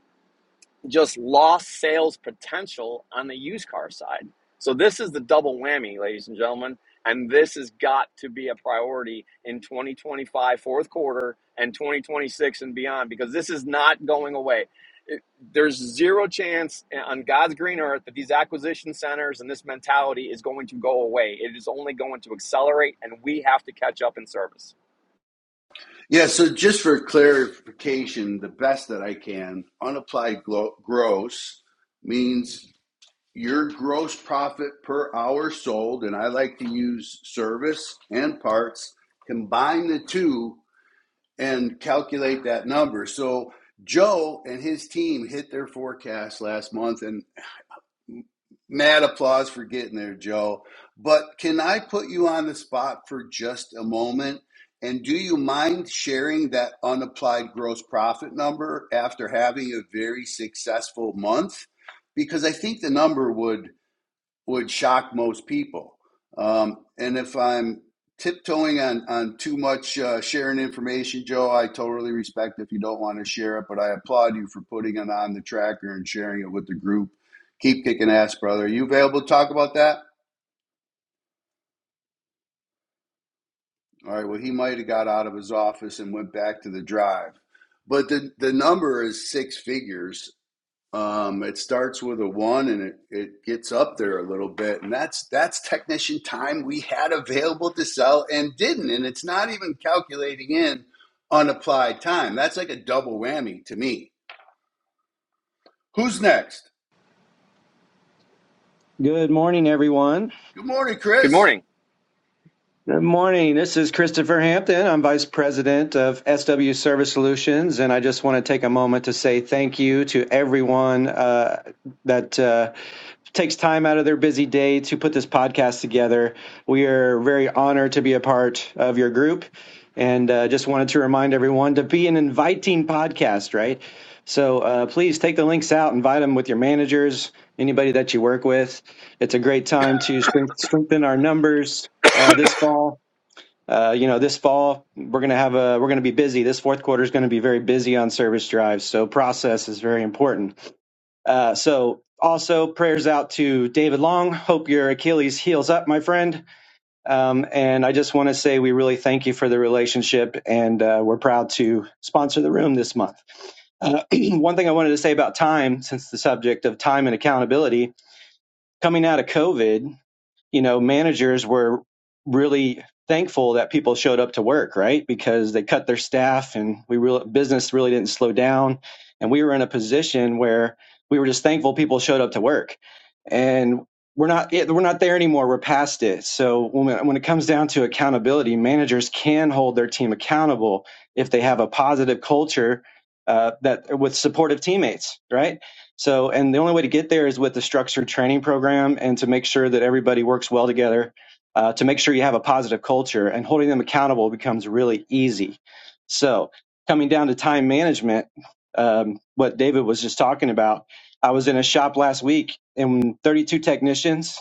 just lost sales potential on the used car side. So this is the double whammy, ladies and gentlemen, and this has got to be a priority in 2025 fourth quarter and 2026 and beyond because this is not going away. It- There's zero chance eh, on God's green earth that these acquisition centers and this mentality is going to go away. It is only going to accelerate, and we have to catch up in service. Yeah, so just for clarification, the best that I can, unapplied glo- gross means your gross profit per hour sold, and I like to use service and parts, combine the two and calculate that number. So Joe and his team hit their forecast last month, and. Mad applause for getting there, Joe. But can I put you on the spot for just a moment? And do you mind sharing that unapplied gross profit number after having a very successful month? Because I think the number would would shock most people. Um, and if I'm tiptoeing on, on too much uh, sharing information, Joe, I totally respect if you don't want to share it, but I applaud you for putting it on the tracker and sharing it with the group. Keep kicking ass, brother. Are you available to talk about that? All right, well, he might have got out of his office and went back to the drive. But the, the number is six figures Um, it starts with a one and it, it gets up there a little bit. And that's that's technician time we had available to sell and didn't. And it's not even calculating in unapplied time. That's like a double whammy to me. Who's next? Good morning, everyone. Good morning, Good Chris. morning. Good morning. This is Christopher Hampton. I'm Vice President of SW Service Solutions, and I just want to take a moment to say thank you to everyone uh, that. Uh, takes time out of their busy day to put this podcast together. We are very honored to be a part of your group. And uh, just wanted to remind everyone to be an inviting podcast, right? So uh, please take the links out, invite them with your managers, anybody that you work with. It's a great time to strengthen our numbers uh, this fall. Uh, you know, this fall we're gonna have a we're gonna be busy. This fourth quarter is gonna be very busy on service drives, so process is very important. Uh, so also prayers out to David Long. Hope your Achilles heals up, my friend. Um, and I just want to say we really thank you for the relationship, and uh, we're proud to sponsor the room this month. Uh, [clears throat] one thing I wanted to say about time, since the subject of time and accountability, coming out of COVID you know, managers were really thankful that people showed up to work, right? Because they cut their staff and we real business really didn't slow down. And we were in a position where we were just thankful people showed up to work. And we're not yeah, we're not there anymore. We're past it. So when it- when it comes down to accountability, managers can hold their team accountable if they have a positive culture uh, that with supportive teammates, right? So, and the only way to get there is with the structured training program and to make sure that everybody works well together, uh, to make sure you have a positive culture and holding them accountable becomes really easy. So, coming down to time management, um, what David was just talking about, I was in a shop last week and 32 technicians,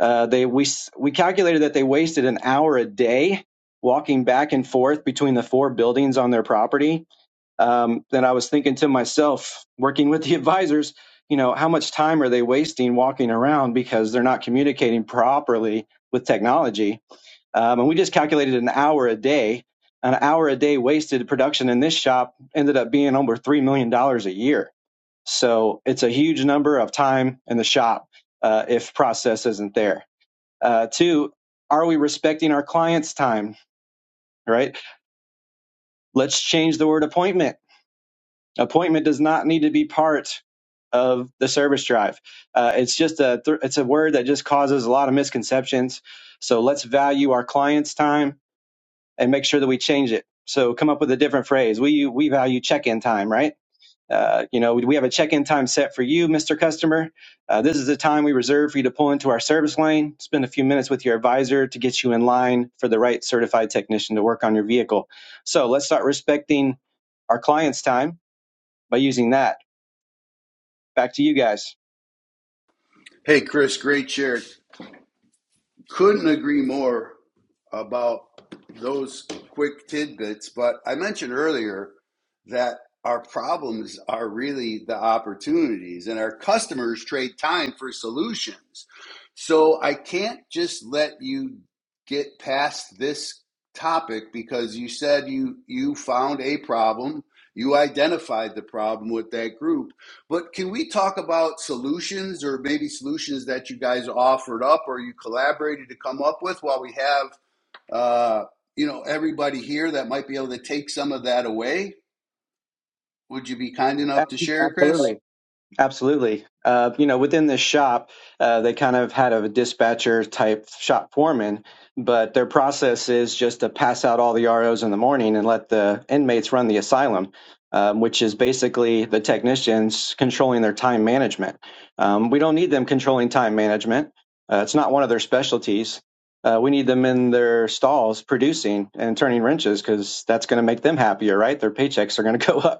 uh, they, we, we calculated that they wasted an hour a day walking back and forth between the four buildings on their property um, then I was thinking to myself, working with the [laughs] advisors, you know, how much time are they wasting walking around because they're not communicating properly with technology? Um, and we just calculated an hour a day. An hour a day wasted production in this shop ended up being over $3 million dollars a year. So it's a huge number of time in the shop uh, if process isn't there. Uh, two, are we respecting our clients' time, right? Let's change the word appointment Appointment does not need to be part of the service drive. Uh, it's just a th- it's a word that just causes a lot of misconceptions. So let's value our clients' time and make sure that we change it. So come up with a different phrase. We we value check-in time, right? Uh, you know, we we have a check-in time set for you, Mr. Customer. Uh, this is the time we reserve for you to pull into our service lane, spend a few minutes with your advisor to get you in line for the right certified technician to work on your vehicle. So let's start respecting our clients' time by using that back to you guys. Hey, Chris, great share. couldn't agree more about those quick tidbits. But I mentioned earlier that our problems are really the opportunities, and our customers trade time for solutions. So I can't just let you get past this topic because you said you you found a problem, you identified the problem with that group but can we talk about solutions or maybe solutions that you guys offered up or you collaborated to come up with while we have uh, you know everybody here that might be able to take some of that away? Would you be kind enough to share, Chris? Absolutely, absolutely. Uh, you know, within this shop, uh, they kind of had a dispatcher type shop foreman, but their process is just to pass out all the ROs in the morning and let the inmates run the asylum, um, which is basically the technicians controlling their time management. Um, we don't need them controlling time management. Uh, it's not one of their specialties. Uh, we need them in their stalls producing and turning wrenches because that's going to make them happier, right? Their paychecks are going to [laughs] go up.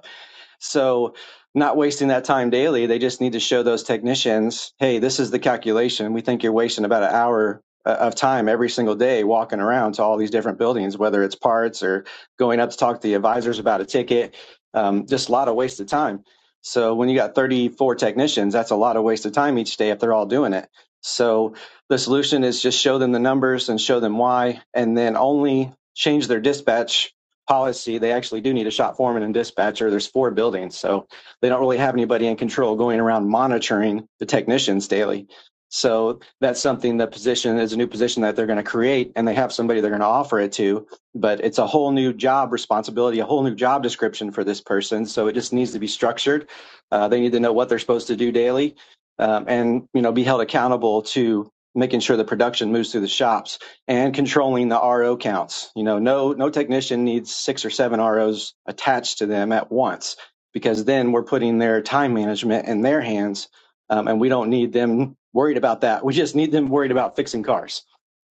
So, not wasting that time daily, they just need to show those technicians, hey, this is the calculation. We think you're wasting about an hour uh, of time every single day walking around to all these different buildings, whether it's parts or going up to talk to the advisors about a ticket. Um, just a lot of wasted time. So, when you got 34 technicians, that's a lot of wasted time each day if they're all doing it. So, the solution is just show them the numbers and show them why, and then only change their dispatch policy, they actually do need a shop foreman and dispatcher. There's four buildings, so they don't really have anybody in control going around monitoring the technicians daily. So that's something the position is a new position that they're going to create, and they have somebody they're going to offer it to. But it's a whole new job responsibility, a whole new job description for this person. So it just needs to be structured. Uh, they need to know what they're supposed to do daily, um, and you know, be held accountable to making sure the production moves through the shops and controlling the RO counts. You know, no no technician needs six or seven ROs attached to them at once because then we're putting their time management in their hands, um, and we don't need them worried about that. We just need them worried about fixing cars.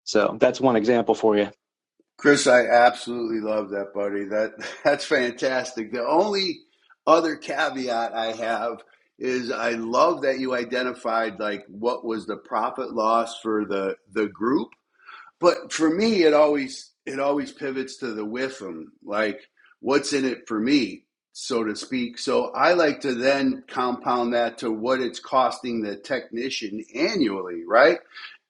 So that's one example for you. Chris, I absolutely love that, buddy. That [laughs] that's fantastic. The only other caveat I have is I love that you identified like what was the profit loss for the the group But for me, it always it always pivots to the with them, like what's in it for me, so to speak. So I like to then compound that to what it's costing the technician annually, right?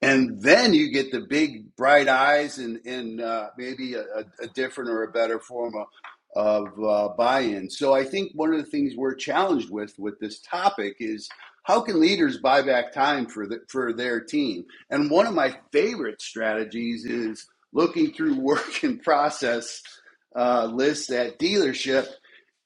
And then you get the big bright eyes and and uh, maybe a, a different or a better form of of uh, buy-in. So I think one of the things we're challenged with with this topic is how can leaders buy back time for the, for their team and one of my favorite strategies is looking through [laughs] work in process uh, lists at dealership.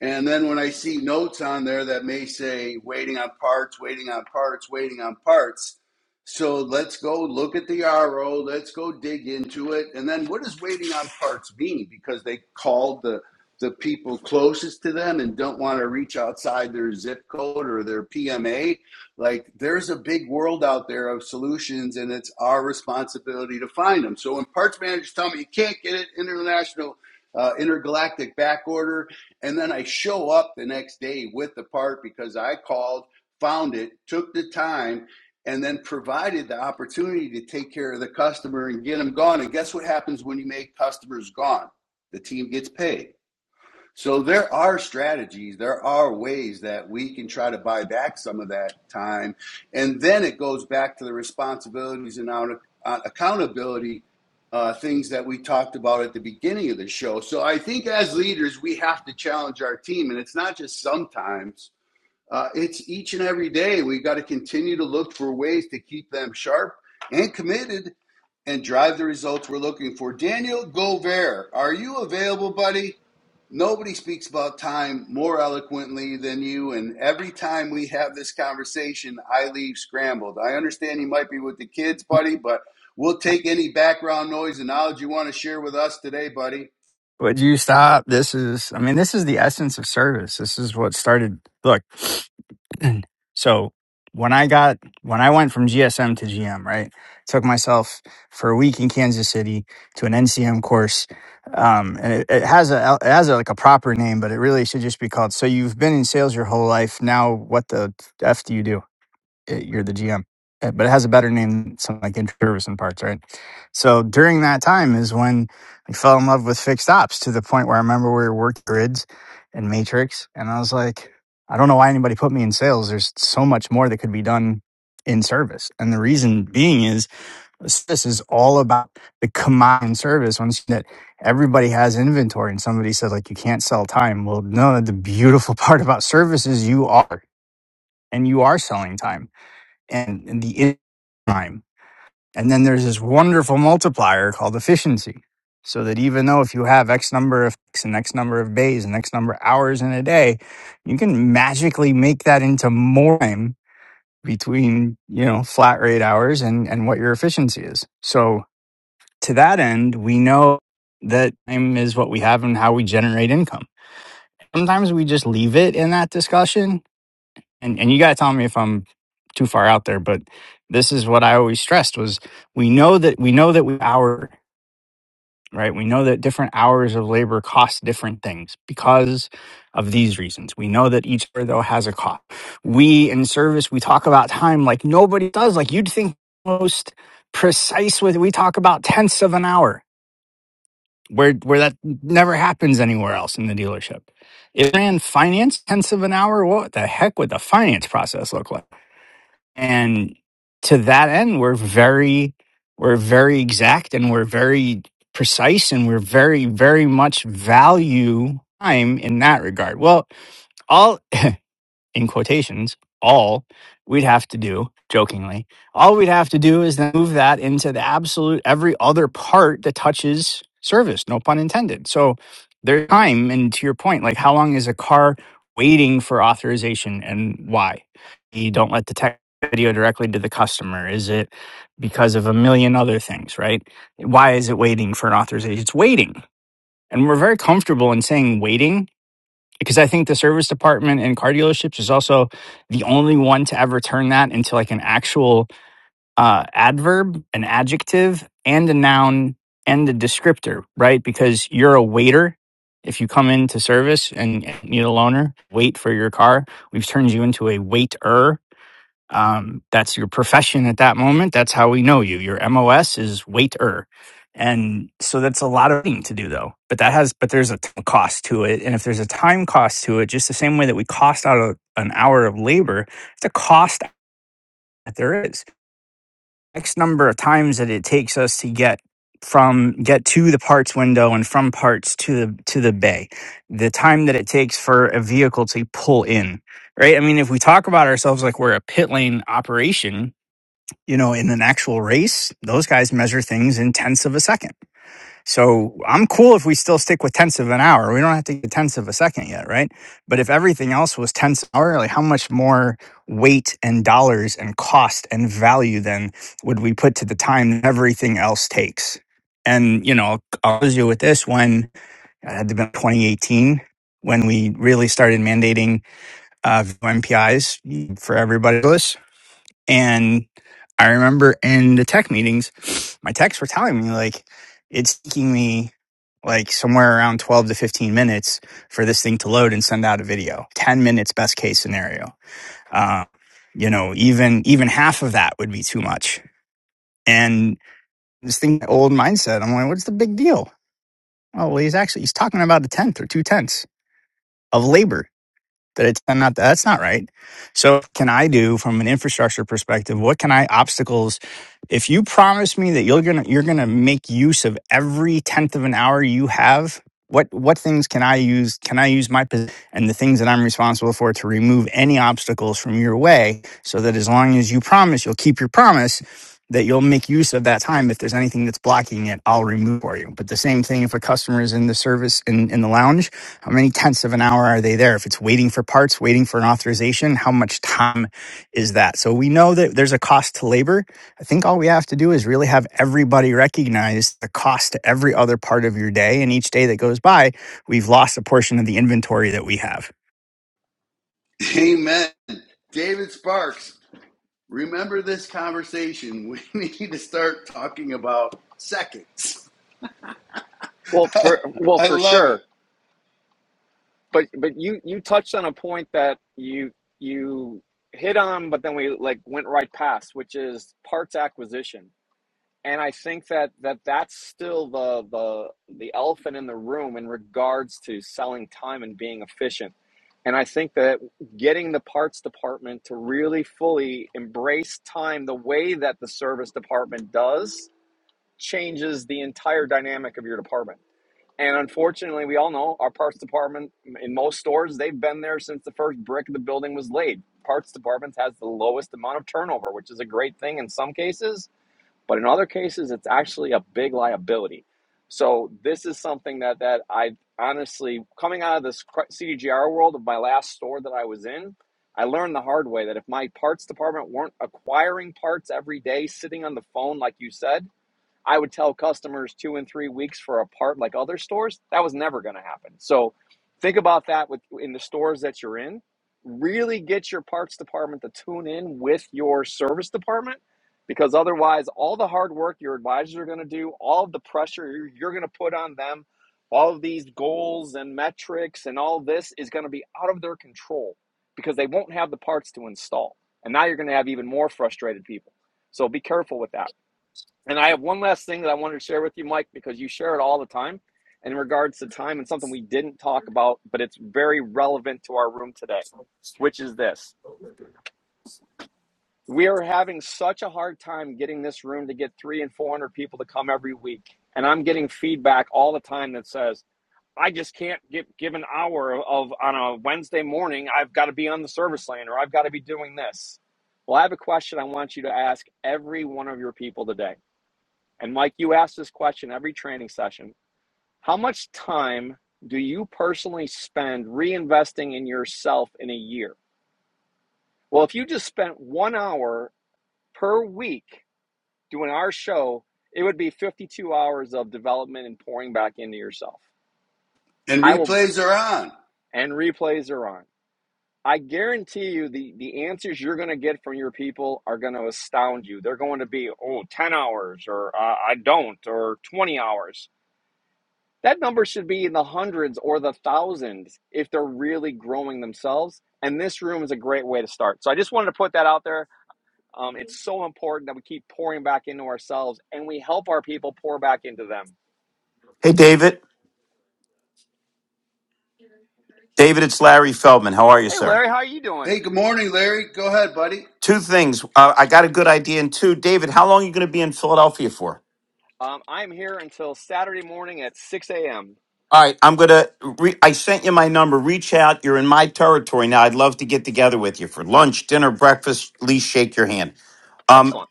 And then when I see notes on there that may say waiting on parts, waiting on parts, waiting on parts. So let's go look at the RO, let's go dig into it. And then what does waiting on parts mean? Because they called the the people closest to them and don't want to reach outside their zip code or their PMA like there's a big world out there of solutions, and it's our responsibility to find them. So when parts managers tell me you can't get it international, uh, intergalactic back order, and then I show up the next day with the part because I called, found it, took the time, and then provided the opportunity to take care of the customer and get them gone. And guess what happens when you make customers gone? The team gets paid. So there are strategies, there are ways that we can try to buy back some of that time. And then it goes back to the responsibilities and out, uh, accountability uh, things that we talked about at the beginning of the show. So I think as leaders, we have to challenge our team. And it's not just sometimes, uh, it's each and every day. We've got to continue to look for ways to keep them sharp and committed and drive the results we're looking for. Daniel Gover, are you available, buddy? Nobody speaks about time more eloquently than you, and every time we have this conversation, I leave scrambled. I understand you might be with the kids, buddy, but we'll take any background noise and knowledge you want to share with us today, buddy. Would you stop? This is, I mean, this is the essence of service. This is what started. Look, [clears throat] so when I got, when I went from GSM to GM, right? Took myself for a week in Kansas City to an NCM course. Um, and it, it has a, it has a, like a proper name, but it really should just be called. So you've been in sales your whole life. Now what the F do you do? it- you're the GM, Uh, but it has a better name than something like introverts and parts, right? So during that time is when I fell in love with fixed ops to the point where I remember we were working grids and matrix, and I was like, I don't know why anybody put me in sales. There's so much more that could be done in service, and the reason being is this is all about the command service. Once that everybody has inventory, and somebody says like you can't sell time. Well, no, the beautiful [laughs] part about service is you are, and you are selling time and, and the in- time. And then there's this wonderful multiplier called efficiency. So that even though if you have X number of X and X number of days and X number of hours in a day, you can magically make that into more time between, you know, flat rate hours and, and what your efficiency is. So to that end, we know that time is what we have and how we generate income. Sometimes we just leave it in that discussion and and you got to tell me if I'm too far out there, but this is what I always stressed was we know that we know that we hour right we know that different hours of labor cost different things because of these reasons we know that each hour though has a cost we in service we talk about time like nobody does like you'd think most precise with we talk about tenths of an hour where where that never happens anywhere else in the dealership if ran finance tenths of an hour what the heck would the finance process look like and to that end we're very we're very exact and we're very precise and we're very very much value time in that regard well all in quotations, all we'd have to do, jokingly, all we'd have to do is then move that into the absolute every other part that touches service, no pun intended. So there's time, and to your point, like how long is a car waiting for authorization and why? You don't let the tech video directly to the customer. Is it because of a million other things, right? Why is it waiting for an authorization? It's waiting. And we're very comfortable in saying waiting because I think the service department in car dealerships is also the only one to ever turn that into like an actual uh, adverb, an adjective, and a noun and a descriptor, right? Because you're a waiter. If you come into service and need a loaner, wait for your car. We've turned you into a waiter um, that's your profession at that moment. That's how we know you. Your MOS is waiter. And so that's a lot of thing to do though. But that has but there's a t- cost to it. And if there's a time cost to it, just the same way that we cost out a, an hour of labor, it's a cost that there is. X number of times that it takes us to get from get to the parts window and from parts to the to the bay. The time that it takes for a vehicle to pull in right? I mean, if we talk about ourselves like we're a pit lane operation, you know, in an actual race, those guys measure things in tenths of a second. So I'm cool if we still stick with tenths of an hour. We don't have to get tenths of a second yet, right? But if everything else was tenths of an hour, like how much more weight and dollars and cost and value then would we put to the time everything else takes? And you know, I'll close you with this: when it had to be 2018 when we really started mandating uh, MPIs for everybody to list. And I remember in the tech meetings, my techs were telling me like it's taking me like somewhere around 12 to 15 minutes for this thing to load and send out a video. 10 minutes best case scenario. Uh, you know, even even half of that would be too much. And this thing old mindset, I'm like, what's the big deal? Oh well he's actually he's talking about a tenth or two tenths of labor that it's not that's not right so what can i do from an infrastructure perspective what can i obstacles if you promise me that you're gonna you're gonna make use of every tenth of an hour you have what what things can i use can i use my position and the things that i'm responsible for to remove any obstacles from your way so that as long as you promise you'll keep your promise that you'll make use of that time if there's anything that's blocking it i'll remove for you but the same thing if a customer is in the service in, in the lounge how many tenths of an hour are they there? If it's waiting for parts, waiting for an authorization, how much time is that? So we know that there's a cost to labor. I think all we have to do is really have everybody recognize the cost to every other part of your day. And each day that goes by, we've lost a portion of the inventory that we have. [laughs] Amen. David Sparks, remember this conversation. We [laughs] need to start talking about seconds. Well, for [laughs] well I for love sure. it. but but you you touched on a point that you you hit on but then we like went right past which is parts acquisition and i think that that that's still the the the elephant in the room in regards to selling time and being efficient and i think that getting the parts department to really fully embrace time the way that the service department does changes the entire dynamic of your department and unfortunately, we all know our parts department in most stores, they've been there since the first brick of the building was laid. Parts departments has the lowest amount of turnover, which is a great thing in some cases, but in other cases it's actually a big liability. So this is something that that I honestly coming out of this CDGR world of my last store that I was in, I learned the hard way that if my parts department weren't acquiring parts every day, sitting on the phone like you said, I would tell customers two and three weeks for a part like other stores. That was never going to happen. So think about that with in the stores that you're in. Really get your parts department to tune in with your service department because otherwise all the hard work your advisors are going to do, all of the pressure you're, you're going to put on them, all of these goals and metrics and all this is going to be out of their control because they won't have the parts to install. And now you're going to have even more frustrated people. So be careful with that. And I have one last thing that I wanted to share with you, Mike, because you share it all the time in regards to time and something we didn't talk about, but it's very relevant to our room today, which is this. We are having such a hard time getting this room to get three and 400 people to come every week. And I'm getting feedback all the time that says, I just can't give, give an hour of on a Wednesday morning. I've got to be on the service lane or I've got to be doing this. Well, I have a question I want you to ask every one of your people today and Mike, you ask this question every training session how much time do you personally spend reinvesting in yourself in a year? Well, if you just spent one hour per week doing our show, it would be 52 hours of development and pouring back into yourself. And I will, replays are on. and replays are on. I guarantee you the, the answers you're going to get from your people are going to astound you. They're going to be, oh, 10 hours, or uh, I don't, or 20 hours. That number should be in the hundreds or the thousands if they're really growing themselves. And this room is a great way to start. So I just wanted to put that out there. Um, it's so important that we keep pouring back into ourselves and we help our people pour back into them. Hey, David. David, it's Larry Feldman. How are you, Hey, sir? Larry, how are you Hey, doing? good morning, Larry. Go ahead, buddy. Two things. Uh, I got a good idea. And two, David, how long are you going to be in Philadelphia for? Um, I'm here until Saturday morning at 6 a.m. All right, I'm going to. Re- I sent you my number. Reach out. You're in my territory now. I'd love to get together with you for lunch, dinner, breakfast. At least shake your hand. Excellent. Um,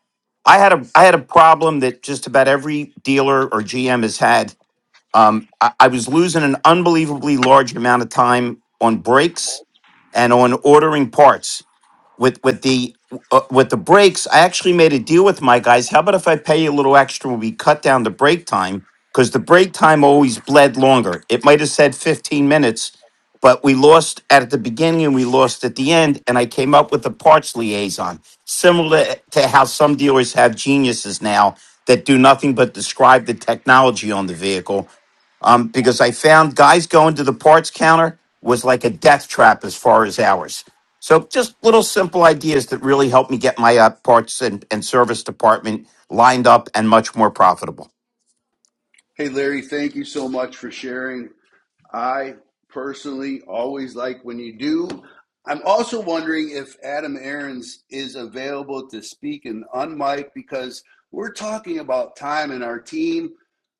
I had a I had a problem that just about every dealer or GM has had. Um, I, I was losing an unbelievably large amount of time on breaks and on ordering parts. with with the uh, with the breaks, I actually made a deal with my guys. How about if I pay you a little extra when we cut down the break time? Because the break time always bled longer. It might have said 15 minutes, but we lost at the beginning and we lost at the end. And I came up with a parts liaison, similar to how some dealers have geniuses now that do nothing but describe the technology on the vehicle um, because I found guys going to the parts counter was like a death trap as far as hours. So just little simple ideas that really help me get my uh, parts and, and service department lined up and much more profitable. Hey, Larry, thank you so much for sharing I personally always like when you do. I'm also wondering if Adam Aarons is available to speak and unmic because we're talking about time and our team,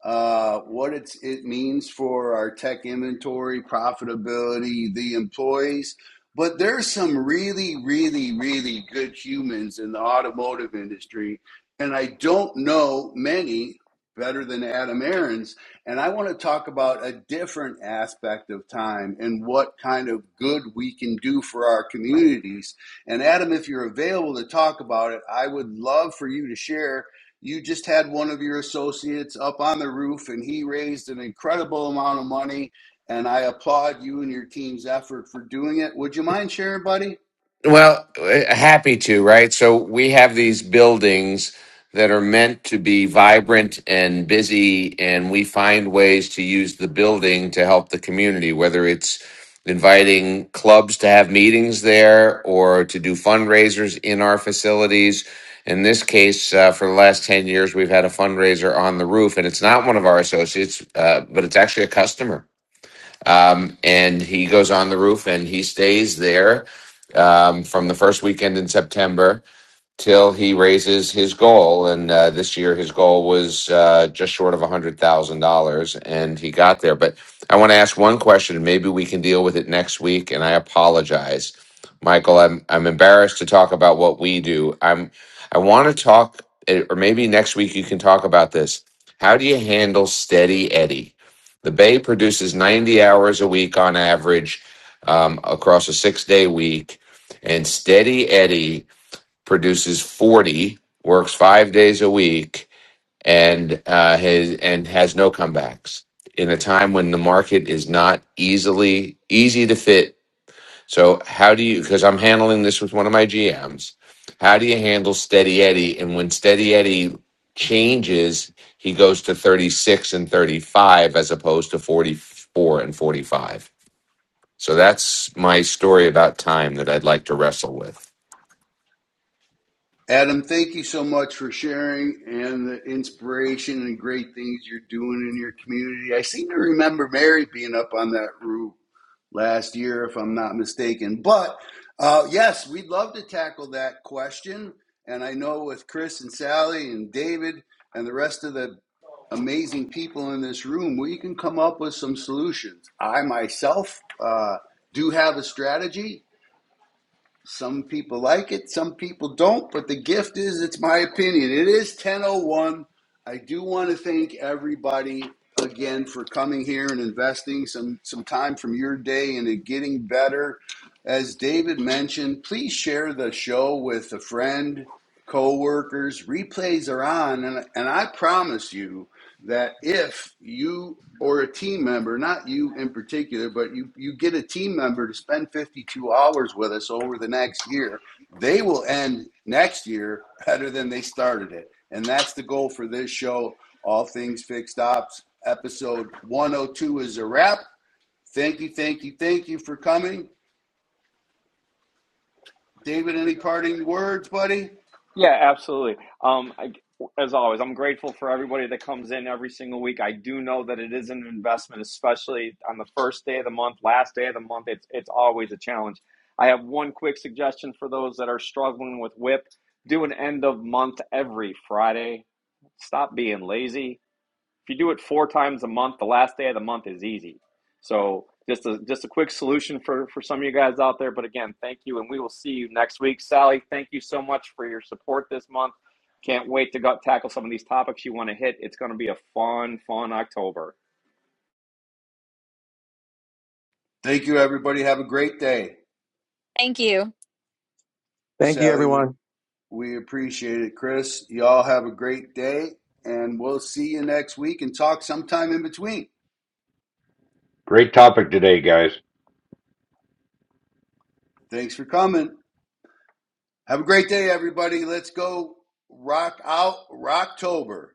uh, what it's, it means for our tech inventory, profitability, the employees. But there's some really, really, really good humans in the automotive industry, and I don't know many better than Adam Aarons and I want to talk about a different aspect of time and what kind of good we can do for our communities. And Adam, if you're available to talk about it, I would love for you to share. You just had one of your associates up on the roof and he raised an incredible amount of money. And I applaud you and your team's effort for doing it. Would you mind sharing, buddy? Well, uh, happy to, right? So we have these buildings that are meant to be vibrant and busy, and we find ways to use the building to help the community, whether it's inviting clubs to have meetings there or to do fundraisers in our facilities. In this case, uh, for the last 10 years, we've had a fundraiser on the roof, and it's not one of our associates, uh, but it's actually a customer um, and he goes on the roof and he stays there um, from the first weekend in September till he raises his goal. And uh, this year, his goal was uh, just short of $100,000, and he got there. But I want to ask one question. Maybe we can deal with it next week, and I apologize. Michael, I'm, I'm embarrassed to talk about what we do. I'm, I want to talk, eh, or maybe next week you can talk about this. How do you handle Steady Eddie? The Bay produces 90 hours a week on average um, across a six day week. And Steady Eddie produces 40, works five days a week, and uh, has and has no comebacks in a time when the market is not easily easy to fit. So how do you? Because I'm handling this with one of my GMs. How do you handle Steady Eddie? And when Steady Eddie changes, he goes to 36 and 35 as opposed to 44 and 45. So that's my story about time that I'd like to wrestle with. Adam, thank you so much for sharing and the inspiration and great things you're doing in your community. I seem to remember Mary being up on that roof last year, if I'm not mistaken. But uh, yes, we'd love to tackle that question. And I know with Chris and Sally and David and the rest of the amazing people in this room, we can come up with some solutions. I myself uh, do have a strategy some people like it, some people don't, but the gift is it's my opinion. It is 1001. I do want to thank everybody again for coming here and investing some some time from your day into getting better. As David mentioned, please share the show with a friend, co-workers. Replays are on and, and I promise you that if you or a team member, not you in particular, but you, you get a team member to spend 52 hours with us over the next year, they will end next year better than they started it. And that's the goal for this show, All Things Fixed Ops. Episode 102 is a wrap. Thank you, thank you, thank you for coming. David, any parting words, buddy? Yeah, absolutely. Um, I, as always, I'm grateful for everybody that comes in every single week. I do know that it is an investment, especially on the first day of the month, last day of the month. It's it's always a challenge. I have one quick suggestion for those that are struggling with WIP: do an end of month every Friday. Stop being lazy if you do it four times a month, the last day of the month is easy. So just a just a quick solution for for some of you guys out there. But again, thank you, and we will see you next week. Sally, thank you so much for your support this month. Can't wait to go, tackle some of these topics you want to hit. It's going to be a fun, fun October. Thank you, everybody. Have a great day. Thank you. Thank you, Sally, we, everyone. We appreciate it, Chris. Y'all have a great day, and we'll see you next week and talk sometime in between. Great topic today, guys. Thanks for coming. Have a great day, everybody. Let's go rock out Rocktober.